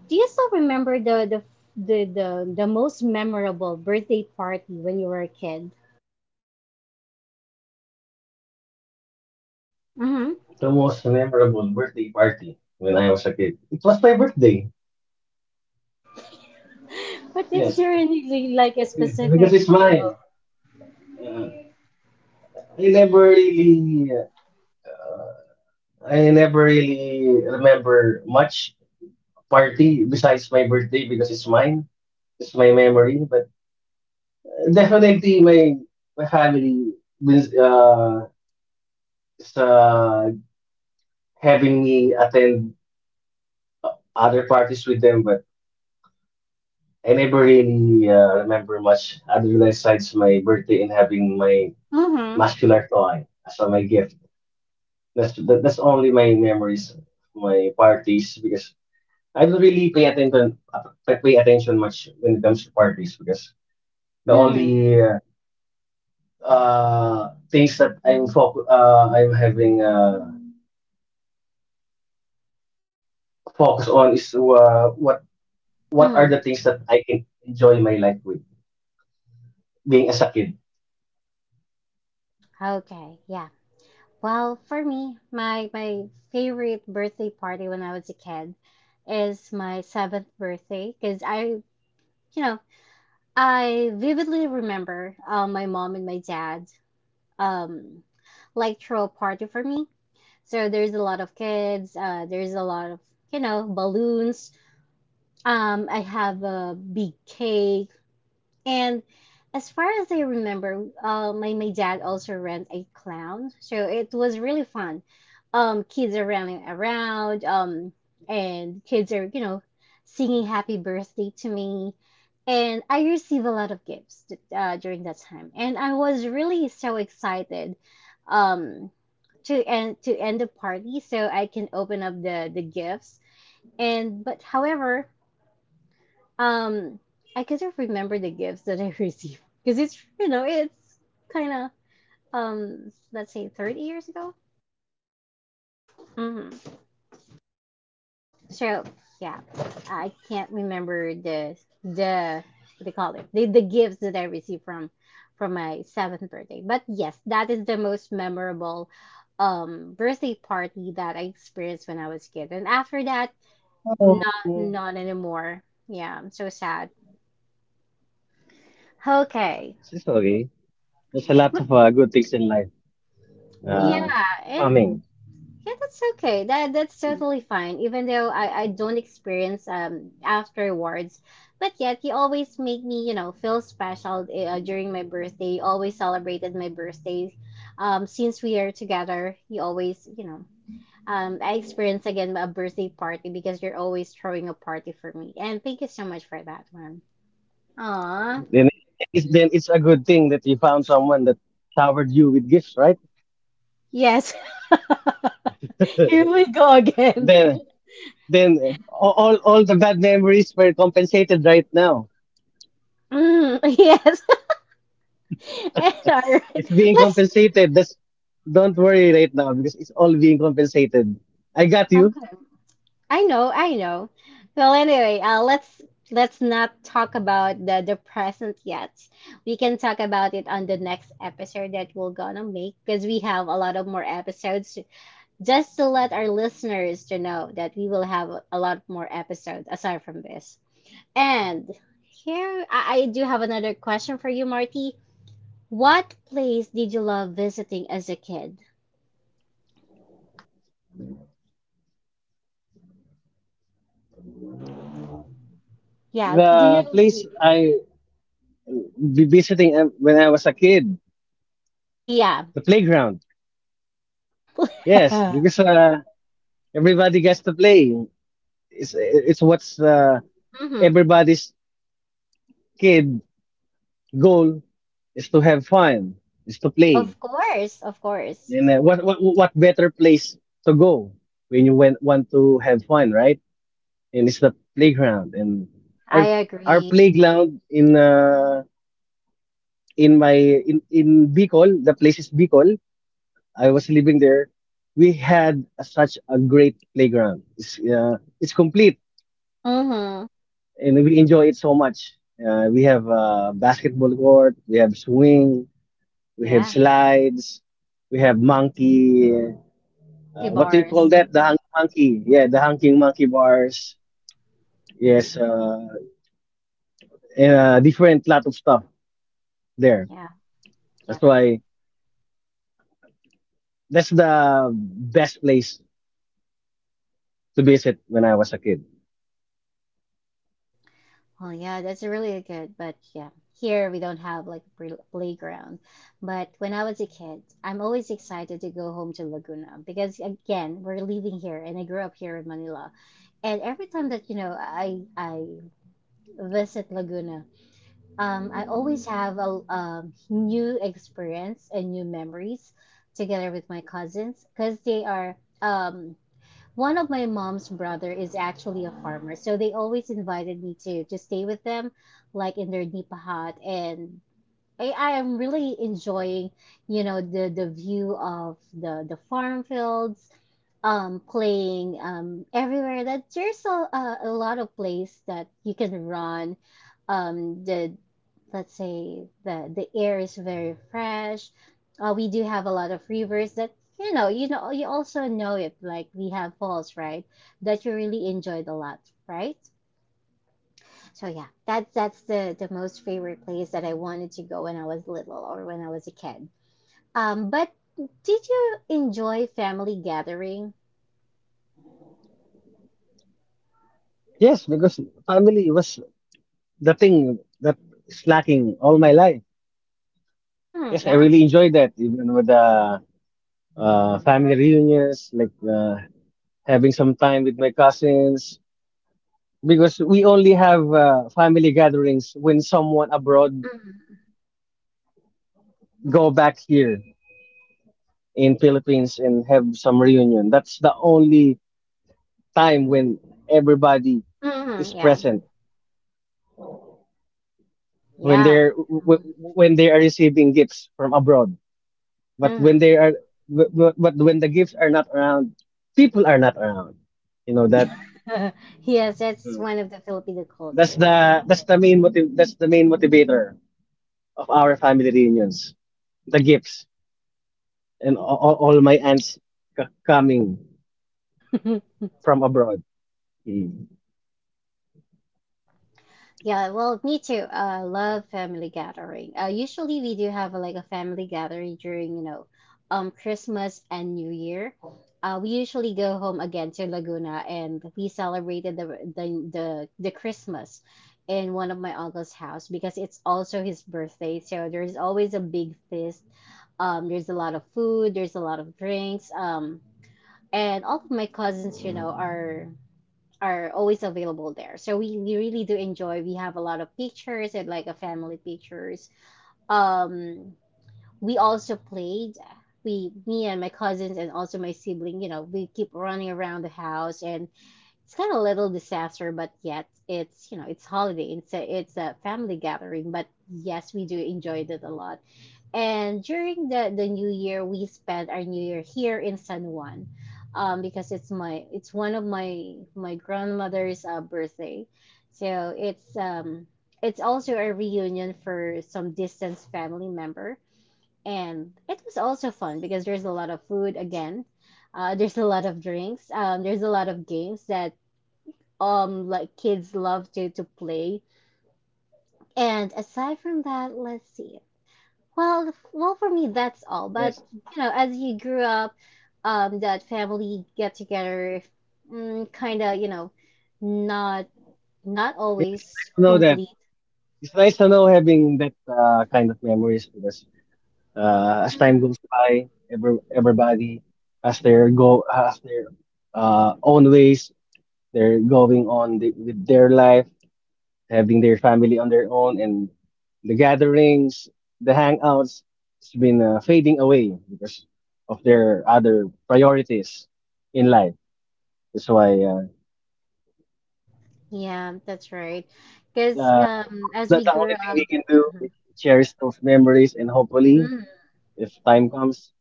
Speaker 1: Do you still remember the most memorable birthday party when you were a kid? Mm-hmm.
Speaker 2: The most memorable birthday party when I was a kid. It was my birthday.
Speaker 1: But is
Speaker 2: Yes.
Speaker 1: there any like a
Speaker 2: Because
Speaker 1: specific,
Speaker 2: it's
Speaker 1: you know?
Speaker 2: mine. Uh, I never really, I never really remember much party besides my birthday because it's mine. It's my memory, but definitely, my family means is, having me attend other parties with them, but I never really remember much other than besides my birthday and having my
Speaker 1: Mm-hmm.
Speaker 2: muscular toy as my gift. That's only my memories of my parties because I don't really pay attention much when it comes to parties because the
Speaker 1: Mm-hmm.
Speaker 2: only things that I'm focus I'm having. Focus on is what are
Speaker 1: Mm-hmm.
Speaker 2: the things that I can enjoy my life with being as a kid.
Speaker 1: Okay. Yeah. Well, for me, my favorite birthday party when I was a kid is my seventh birthday because you know, I vividly remember my mom and my dad um like throw a party for me. So there's a lot of kids. There's a lot of, you know, balloons. I have a big cake, and as far as I remember, my my dad also ran a clown, so it was really fun. Kids are running around, and kids are singing happy birthday to me, and I received a lot of gifts during that time, and I was really so excited, um, to end the party so I can open up the gifts. And but however, um, I couldn't remember the gifts that I received because it's you know it's kind of let's say 30 years ago. Hmm. So yeah, I can't remember the what they call it the gifts that I received from my seventh birthday. But yes, that is the most memorable birthday party that I experienced when I was a kid. And after that,
Speaker 2: Oh,
Speaker 1: not anymore. Yeah, I'm so sad. Okay.
Speaker 2: it's okay. There's a lot
Speaker 1: But
Speaker 2: of good things in life uh,
Speaker 1: yeah, and
Speaker 2: coming.
Speaker 1: yeah, that's okay. That's totally fine. Even though I don't experience afterwards, but yet you always make me feel special, during my birthday. You always celebrated my birthday. Since we are together, you always you know I experience again a birthday party because you're always throwing a party for me. And thank you so much for that one. Aw,
Speaker 2: Then it's a good thing that you found someone that showered you with gifts, right?
Speaker 1: yes. Here we go again.
Speaker 2: then then all the bad memories were compensated right now.
Speaker 1: Mm, yes. All right.
Speaker 2: It's being
Speaker 1: Let's.
Speaker 2: compensated. That's, don't worry right now because it's all being compensated. I got you.
Speaker 1: Okay. I know. Well, anyway, let's not talk about the present yet. We can talk about it on the next episode that we're gonna make because we have a lot of more episodes. To- just to let our listeners to know that we will have a lot more episodes aside from this. And here, I do have another question for you, Marty. What place did you love visiting as a kid? Yeah, do
Speaker 2: The
Speaker 1: you?
Speaker 2: place I be visiting when I was a kid.
Speaker 1: Yeah.
Speaker 2: The playground. Yes, because everybody gets to play. It's what's
Speaker 1: Hmm.
Speaker 2: everybody's kid goal is to have fun, is to play.
Speaker 1: Of course, of course.
Speaker 2: And what better place to go when you want to have fun, right? And it's the playground. And our
Speaker 1: I
Speaker 2: our
Speaker 1: agree.
Speaker 2: playground in my in Bicol, the place is Bicol. I was living there, we had a- such a great playground. It's complete,
Speaker 1: Mm-hmm.
Speaker 2: and we enjoy it so much. We have a basketball court, we have swing, we have
Speaker 1: Yeah.
Speaker 2: slides, we have monkey.
Speaker 1: Monkey
Speaker 2: What do you call
Speaker 1: bars.
Speaker 2: that? The hanging monkey. Yeah, the hanging monkey bars. Yes, and, different lot of stuff there.
Speaker 1: Yeah.
Speaker 2: That's
Speaker 1: Yep.
Speaker 2: why that's the best place to visit when I was a kid.
Speaker 1: Well, yeah, that's really good. But yeah, here we don't have like a playground. But when I was a kid, I'm always excited to go home to Laguna because again, we're living here and I grew up here in Manila. And every time that, you know, I visit Laguna, I always have a new experience and new memories together with my cousins because they are um, one of my mom's brother is actually a farmer, so they always invited me to stay with them, like in their nipa hut, and I am really enjoying, you know, the view of the farm fields, playing everywhere. That there's a lot of place that you can run. The Let's say the air is very fresh. We do have a lot of rivers that you also know it, like we have falls, right, that you really enjoyed a lot, right? So yeah, that's the most favorite place that I wanted to go when I was little or when I was a kid. But did you enjoy family gathering?
Speaker 2: Yes, because family was the thing that is lacking all my life.
Speaker 1: Mm,
Speaker 2: Yes, I
Speaker 1: yeah.
Speaker 2: really enjoy that, even with the family reunions, like having some time with my cousins, because we only have family gatherings when someone abroad
Speaker 1: Mm,
Speaker 2: go back here in Philippines and have some reunion. That's the only time when everybody
Speaker 1: mm,
Speaker 2: is
Speaker 1: yeah.
Speaker 2: present when
Speaker 1: Yeah.
Speaker 2: when they are receiving gifts from abroad. But when
Speaker 1: Mm-hmm.
Speaker 2: they are, but when the gifts are not around, people are not around. You know that
Speaker 1: Yes, that's one of the Filipino culture. Yeah.
Speaker 2: that's the main motiv that's the main motivator of our family reunions. The gifts and all my aunts c- coming from abroad. Mm.
Speaker 1: Yeah, well, me too. I love family gathering. Usually we do have like a family gathering during, you know, Christmas and New Year. We usually go home again to Laguna and we celebrated the Christmas in one of my uncle's house because it's also his birthday. So there's always a big feast. There's a lot of food, there's a lot of drinks. And all of my cousins, you know, are always available there. So we really do enjoy. We have a lot of pictures, and like a family pictures. Um, we also played. We, me and my cousins and also my sibling, you know, we keep running around the house, and it's kind of a little disaster, but yet you know, it's holiday. It's a family gathering, but yes, we do enjoy it a lot. And during the New Year, we spent our New Year here in San Juan, because it's one of my grandmother's birthday, so it's also a reunion for some distant family member, and it was also fun because there's a lot of food again, there's a lot of drinks, there's a lot of games that like kids love to play, and aside from that, let's see. Well, for me, that's all. But
Speaker 2: Yes,
Speaker 1: you know, as you grew up, that family get together, mm, kind of, you know, not not
Speaker 2: yes,
Speaker 1: always
Speaker 2: nice to know that.
Speaker 1: complete.
Speaker 2: It's nice to know having that kind of memories because as time goes by, everybody has their own ways. They're going on the, with their life, having their family on their own, and the gatherings, the hangouts, it's been fading away because of their other priorities in life. That's why
Speaker 1: Yeah, that's right. Because as we
Speaker 2: the
Speaker 1: grew
Speaker 2: only thing
Speaker 1: up,
Speaker 2: we can do
Speaker 1: mhm,
Speaker 2: is cherish those memories, and hopefully,
Speaker 1: mhm,
Speaker 2: if time comes,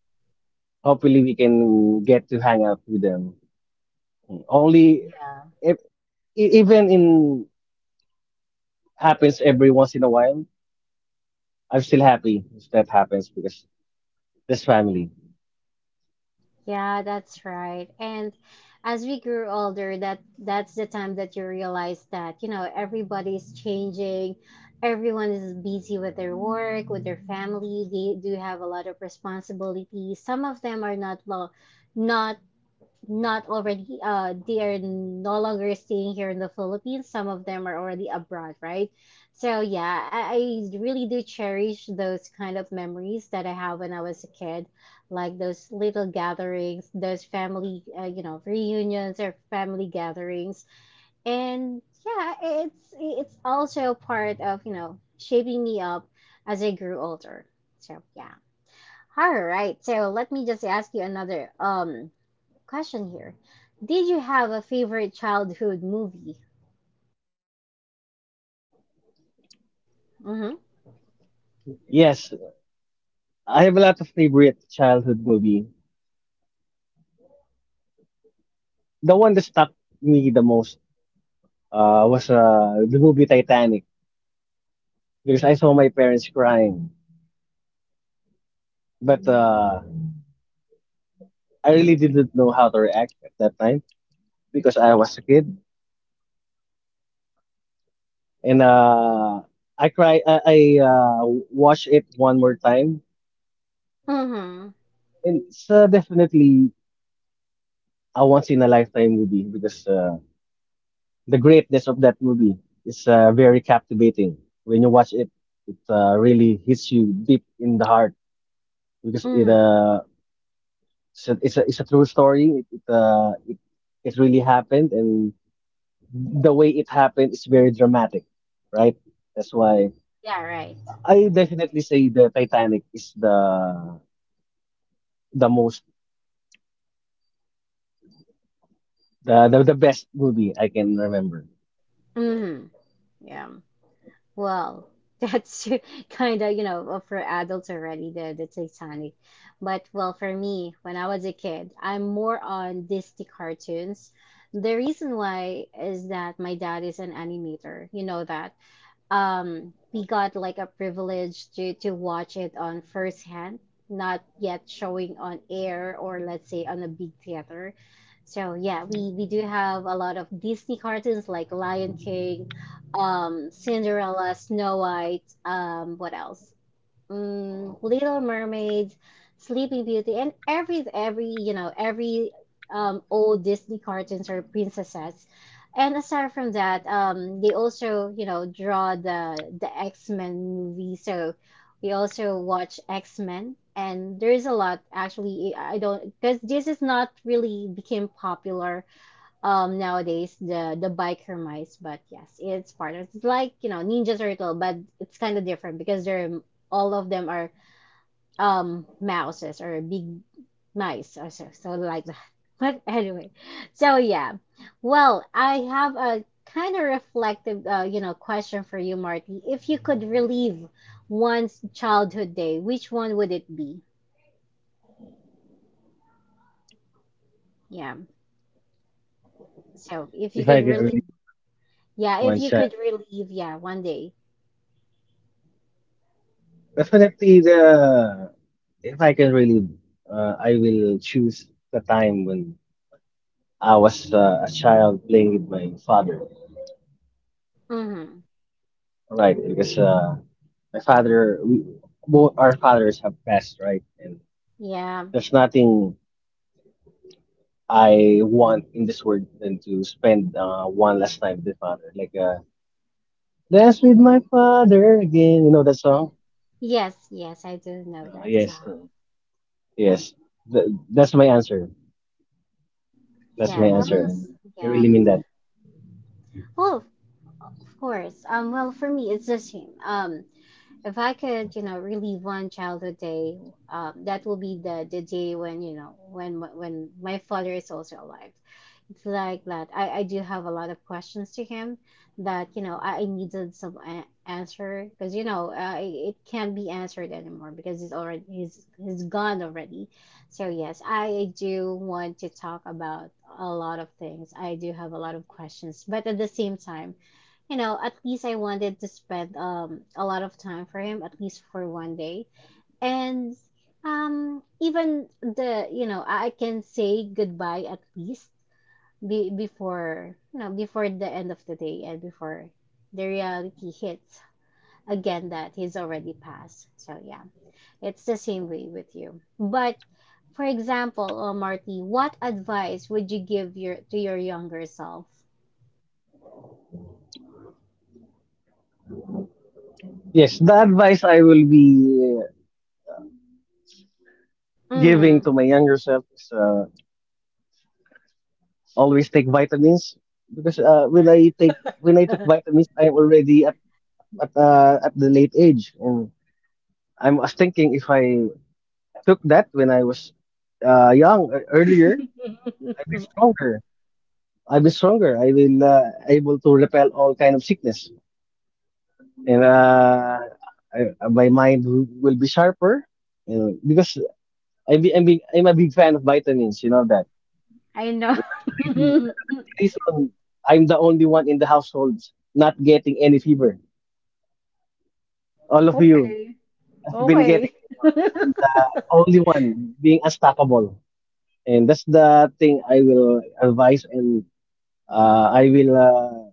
Speaker 2: hopefully we can get to hang out with them. Only
Speaker 1: yeah.
Speaker 2: if, even in happens every once in a while, I'm still happy if that happens because this family.
Speaker 1: Yeah, that's right. And as we grew older, that's the time that you realize that, you know, everybody's changing. Everyone is busy with their work, with their family. They do have a lot of responsibilities. Some of them are not well, not not already they are no longer staying here in the Philippines. Some of them are already abroad, right? So yeah, I really do cherish those kind of memories that I have when I was a kid, like those little gatherings, those family you know, reunions or family gatherings, and yeah, it's also part of you know shaping me up as I grew older. So yeah. All right, so let me just ask you another question here. Did you have a favorite childhood movie? Mm-hmm.
Speaker 2: Yes, I have a lot of favorite childhood movie. The one that stuck me the most was the movie Titanic because I saw my parents crying. But I really didn't know how to react at that time because I was a kid. And I cry. I watched it one more time.
Speaker 1: Mm-hmm.
Speaker 2: And it's definitely a once in a lifetime movie because the greatness of that movie is very captivating. When you watch it, it really hits you deep in the heart because it
Speaker 1: Mm-hmm.
Speaker 2: it's a true story. It really happened, and the way it happened is very dramatic, right? That's why
Speaker 1: Yeah, right.
Speaker 2: I
Speaker 1: Yeah.
Speaker 2: definitely say the Titanic is the most the best movie I can remember
Speaker 1: Mm-hmm. Yeah. Well, that's kind of, you know, for adults already, the Titanic. But, well, for me, when I was a kid, I'm more on Disney cartoons. The reason why is that my dad is an animator. You know that. Um, we got like a privilege to watch it on first hand, not yet showing on air, or let's say on a big theater. So yeah, we do have a lot of Disney cartoons, like Lion King, Cinderella, Snow White, what else, mm, Little Mermaids, Sleeping Beauty, and every, you know, every old Disney cartoons or princesses. And aside from that, they also you know draw the X Men movie. So we also watch X Men, and there is a lot actually. I don't, because this is not really became popular nowadays, the Biker Mice. But yes, it's part of, it's like, you know, Ninja Turtle, but it's kind of different because they're all of them are mouses or big mice or so, so like that. But anyway, so yeah, well, I have a kind of reflective, you know, question for you, Marty. If you could relive one's childhood day, which one would it be? Yeah. So if you
Speaker 2: if
Speaker 1: could
Speaker 2: I can
Speaker 1: relive,
Speaker 2: relive
Speaker 1: yeah, if
Speaker 2: one
Speaker 1: you could
Speaker 2: childhood.
Speaker 1: relive, yeah, one day.
Speaker 2: Definitely the if I can really I will choose the time when I was a child playing with my father.
Speaker 1: Mm-hmm.
Speaker 2: Right, because my father we, both our fathers have passed, right? And
Speaker 1: Yeah.
Speaker 2: there's nothing I want in this world than to spend one last time with the father. Like dance with my father again. You know that song?
Speaker 1: Yes, yes, I do know
Speaker 2: Uh,
Speaker 1: that
Speaker 2: yes, uh,
Speaker 1: song.
Speaker 2: yes. Th that's my answer. That's my
Speaker 1: Yeah, well,
Speaker 2: answer, and I
Speaker 1: yeah,
Speaker 2: really mean that.
Speaker 1: well, of course. Well, for me, it's the same. If I could, you know, relive one childhood day, that will be the day when, you know, when my father is also alive. It's like that. I do have a lot of questions to him that, you know, I needed some answer, because you know, it it can't be answered anymore, because he's gone already. So yes, I do want to talk about a lot of things. I do have a lot of questions, but at the same time, you know, at least I wanted to spend a lot of time for him, at least for one day. And even the you know, I can say goodbye at least, before you know, before the end of the day, and before the reality hits again that he's already passed. So yeah, it's the same way with you. But for example, Marty, what advice would you give your to your younger self?
Speaker 2: Yes, the advice I will be giving
Speaker 1: Mm-hmm.
Speaker 2: to my younger self is always take vitamins because when I took vitamins, I'm already at at the late age, and I was thinking if I took that when I was young earlier, I've been stronger. I've been stronger. I will able to repel all kind of sickness, and my mind will be sharper. You know, because I'm a big fan of vitamins. You know that.
Speaker 1: I
Speaker 2: That's the reason.
Speaker 1: know.
Speaker 2: That's the reason I'm the only one in the household not getting any fever. All of you
Speaker 1: Okay.
Speaker 2: have been
Speaker 1: Okay.
Speaker 2: getting fever. I'm the only one being unstoppable, and that's the thing I will advise and I will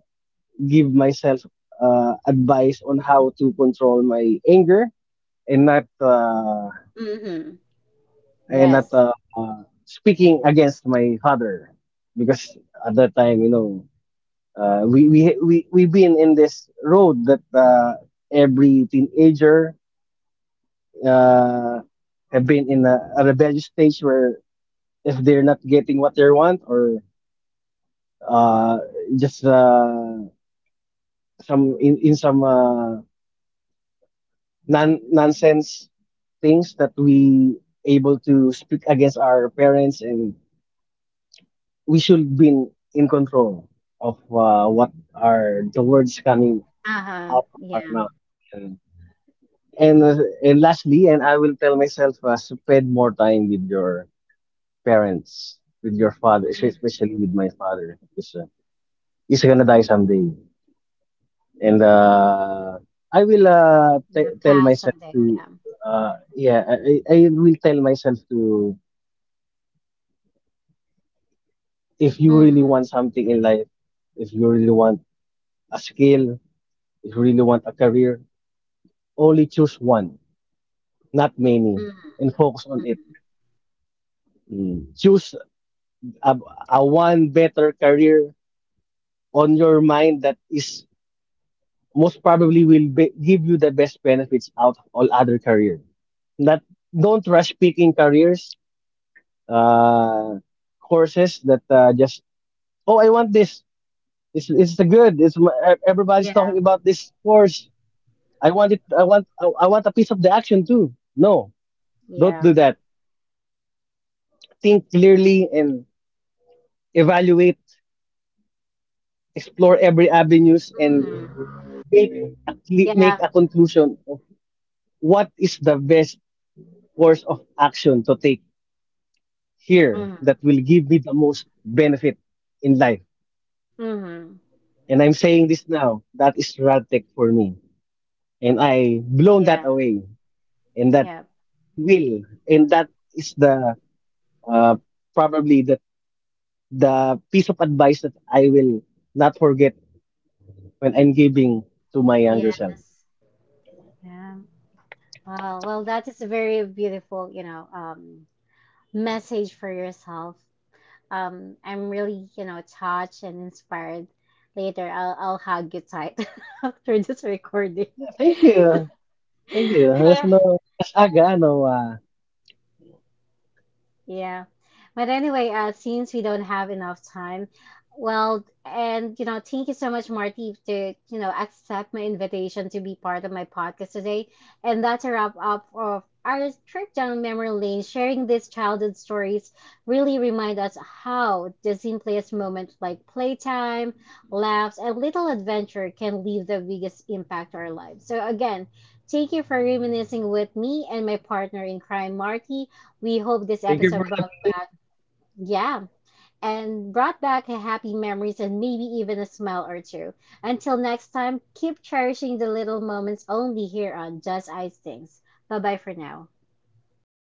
Speaker 2: give myself advice on how to control my anger and not
Speaker 1: Mm-hmm. Yes.
Speaker 2: speaking against my father because at that time, you know. We've been in this road that every teenager uh, have been in a rebellious stage where if they're not getting what they want or uh, just some in some nonsense things that we able to speak against our parents and we should be control of what are the words coming
Speaker 1: Uh-huh.
Speaker 2: out from our
Speaker 1: Yeah.
Speaker 2: mouth. And, And, uh, and lastly, and I will tell myself, spend more time with your parents, with your father,
Speaker 1: Mm.
Speaker 2: especially with my father, because he's gonna die someday. And I will
Speaker 1: Yeah,
Speaker 2: tell
Speaker 1: pass
Speaker 2: myself
Speaker 1: someday.
Speaker 2: to,
Speaker 1: Yeah.
Speaker 2: yeah, I will tell myself to, if you really
Speaker 1: Mm-hmm.
Speaker 2: want something in life, if you really want a skill, if you really want a career, only choose one, not many, and
Speaker 1: Mm-hmm.
Speaker 2: focus on it. Mm. Choose a, a one better career on your mind that is most probably will be, give you the best benefits out of all other career. Not don't rush picking careers, uh, courses that just oh I want this. It's good. Everybody's
Speaker 1: Yeah.
Speaker 2: talking about this course. I want it. I want a piece of the action too. No, don't do
Speaker 1: Yeah.
Speaker 2: that. Think clearly and evaluate, explore every avenues and
Speaker 1: Mm-hmm.
Speaker 2: make make
Speaker 1: Yeah.
Speaker 2: a conclusion of what is the best course of action to take here
Speaker 1: Mm-hmm.
Speaker 2: that will give me the most benefit in life.
Speaker 1: Mm-hmm.
Speaker 2: And I'm saying this now, that is Radtech for me. And I blown that
Speaker 1: Yeah.
Speaker 2: away. And that
Speaker 1: Yeah.
Speaker 2: will, and that is the uh, probably the piece of advice that I will not forget when I'm giving to my younger self.
Speaker 1: Yes. Yeah. Well, well, that is a very beautiful, you know, message for yourself. I'm really, you know, touched and inspired. Later, I'll hug you tight after this recording.
Speaker 2: Thank you. Thank you. So, no,
Speaker 1: Yeah. But anyway, since we don't have enough time, well, and you know, thank you so much, Marty, to you know accept my invitation to be part of my podcast today. And that's a wrap up of our trip down memory lane. Sharing these childhood stories really remind us how the simplest moments, like playtime, laughs, and little adventure, can leave the biggest impact on our lives. So again, thank you for reminiscing with me and my partner in crime, Marty. We hope this
Speaker 2: thank you for
Speaker 1: episode brought
Speaker 2: having me.
Speaker 1: back, yeah, and brought back happy memories and maybe even a smile or two. Until next time, keep cherishing the little moments only here on Just Ice Things. Bye bye for now.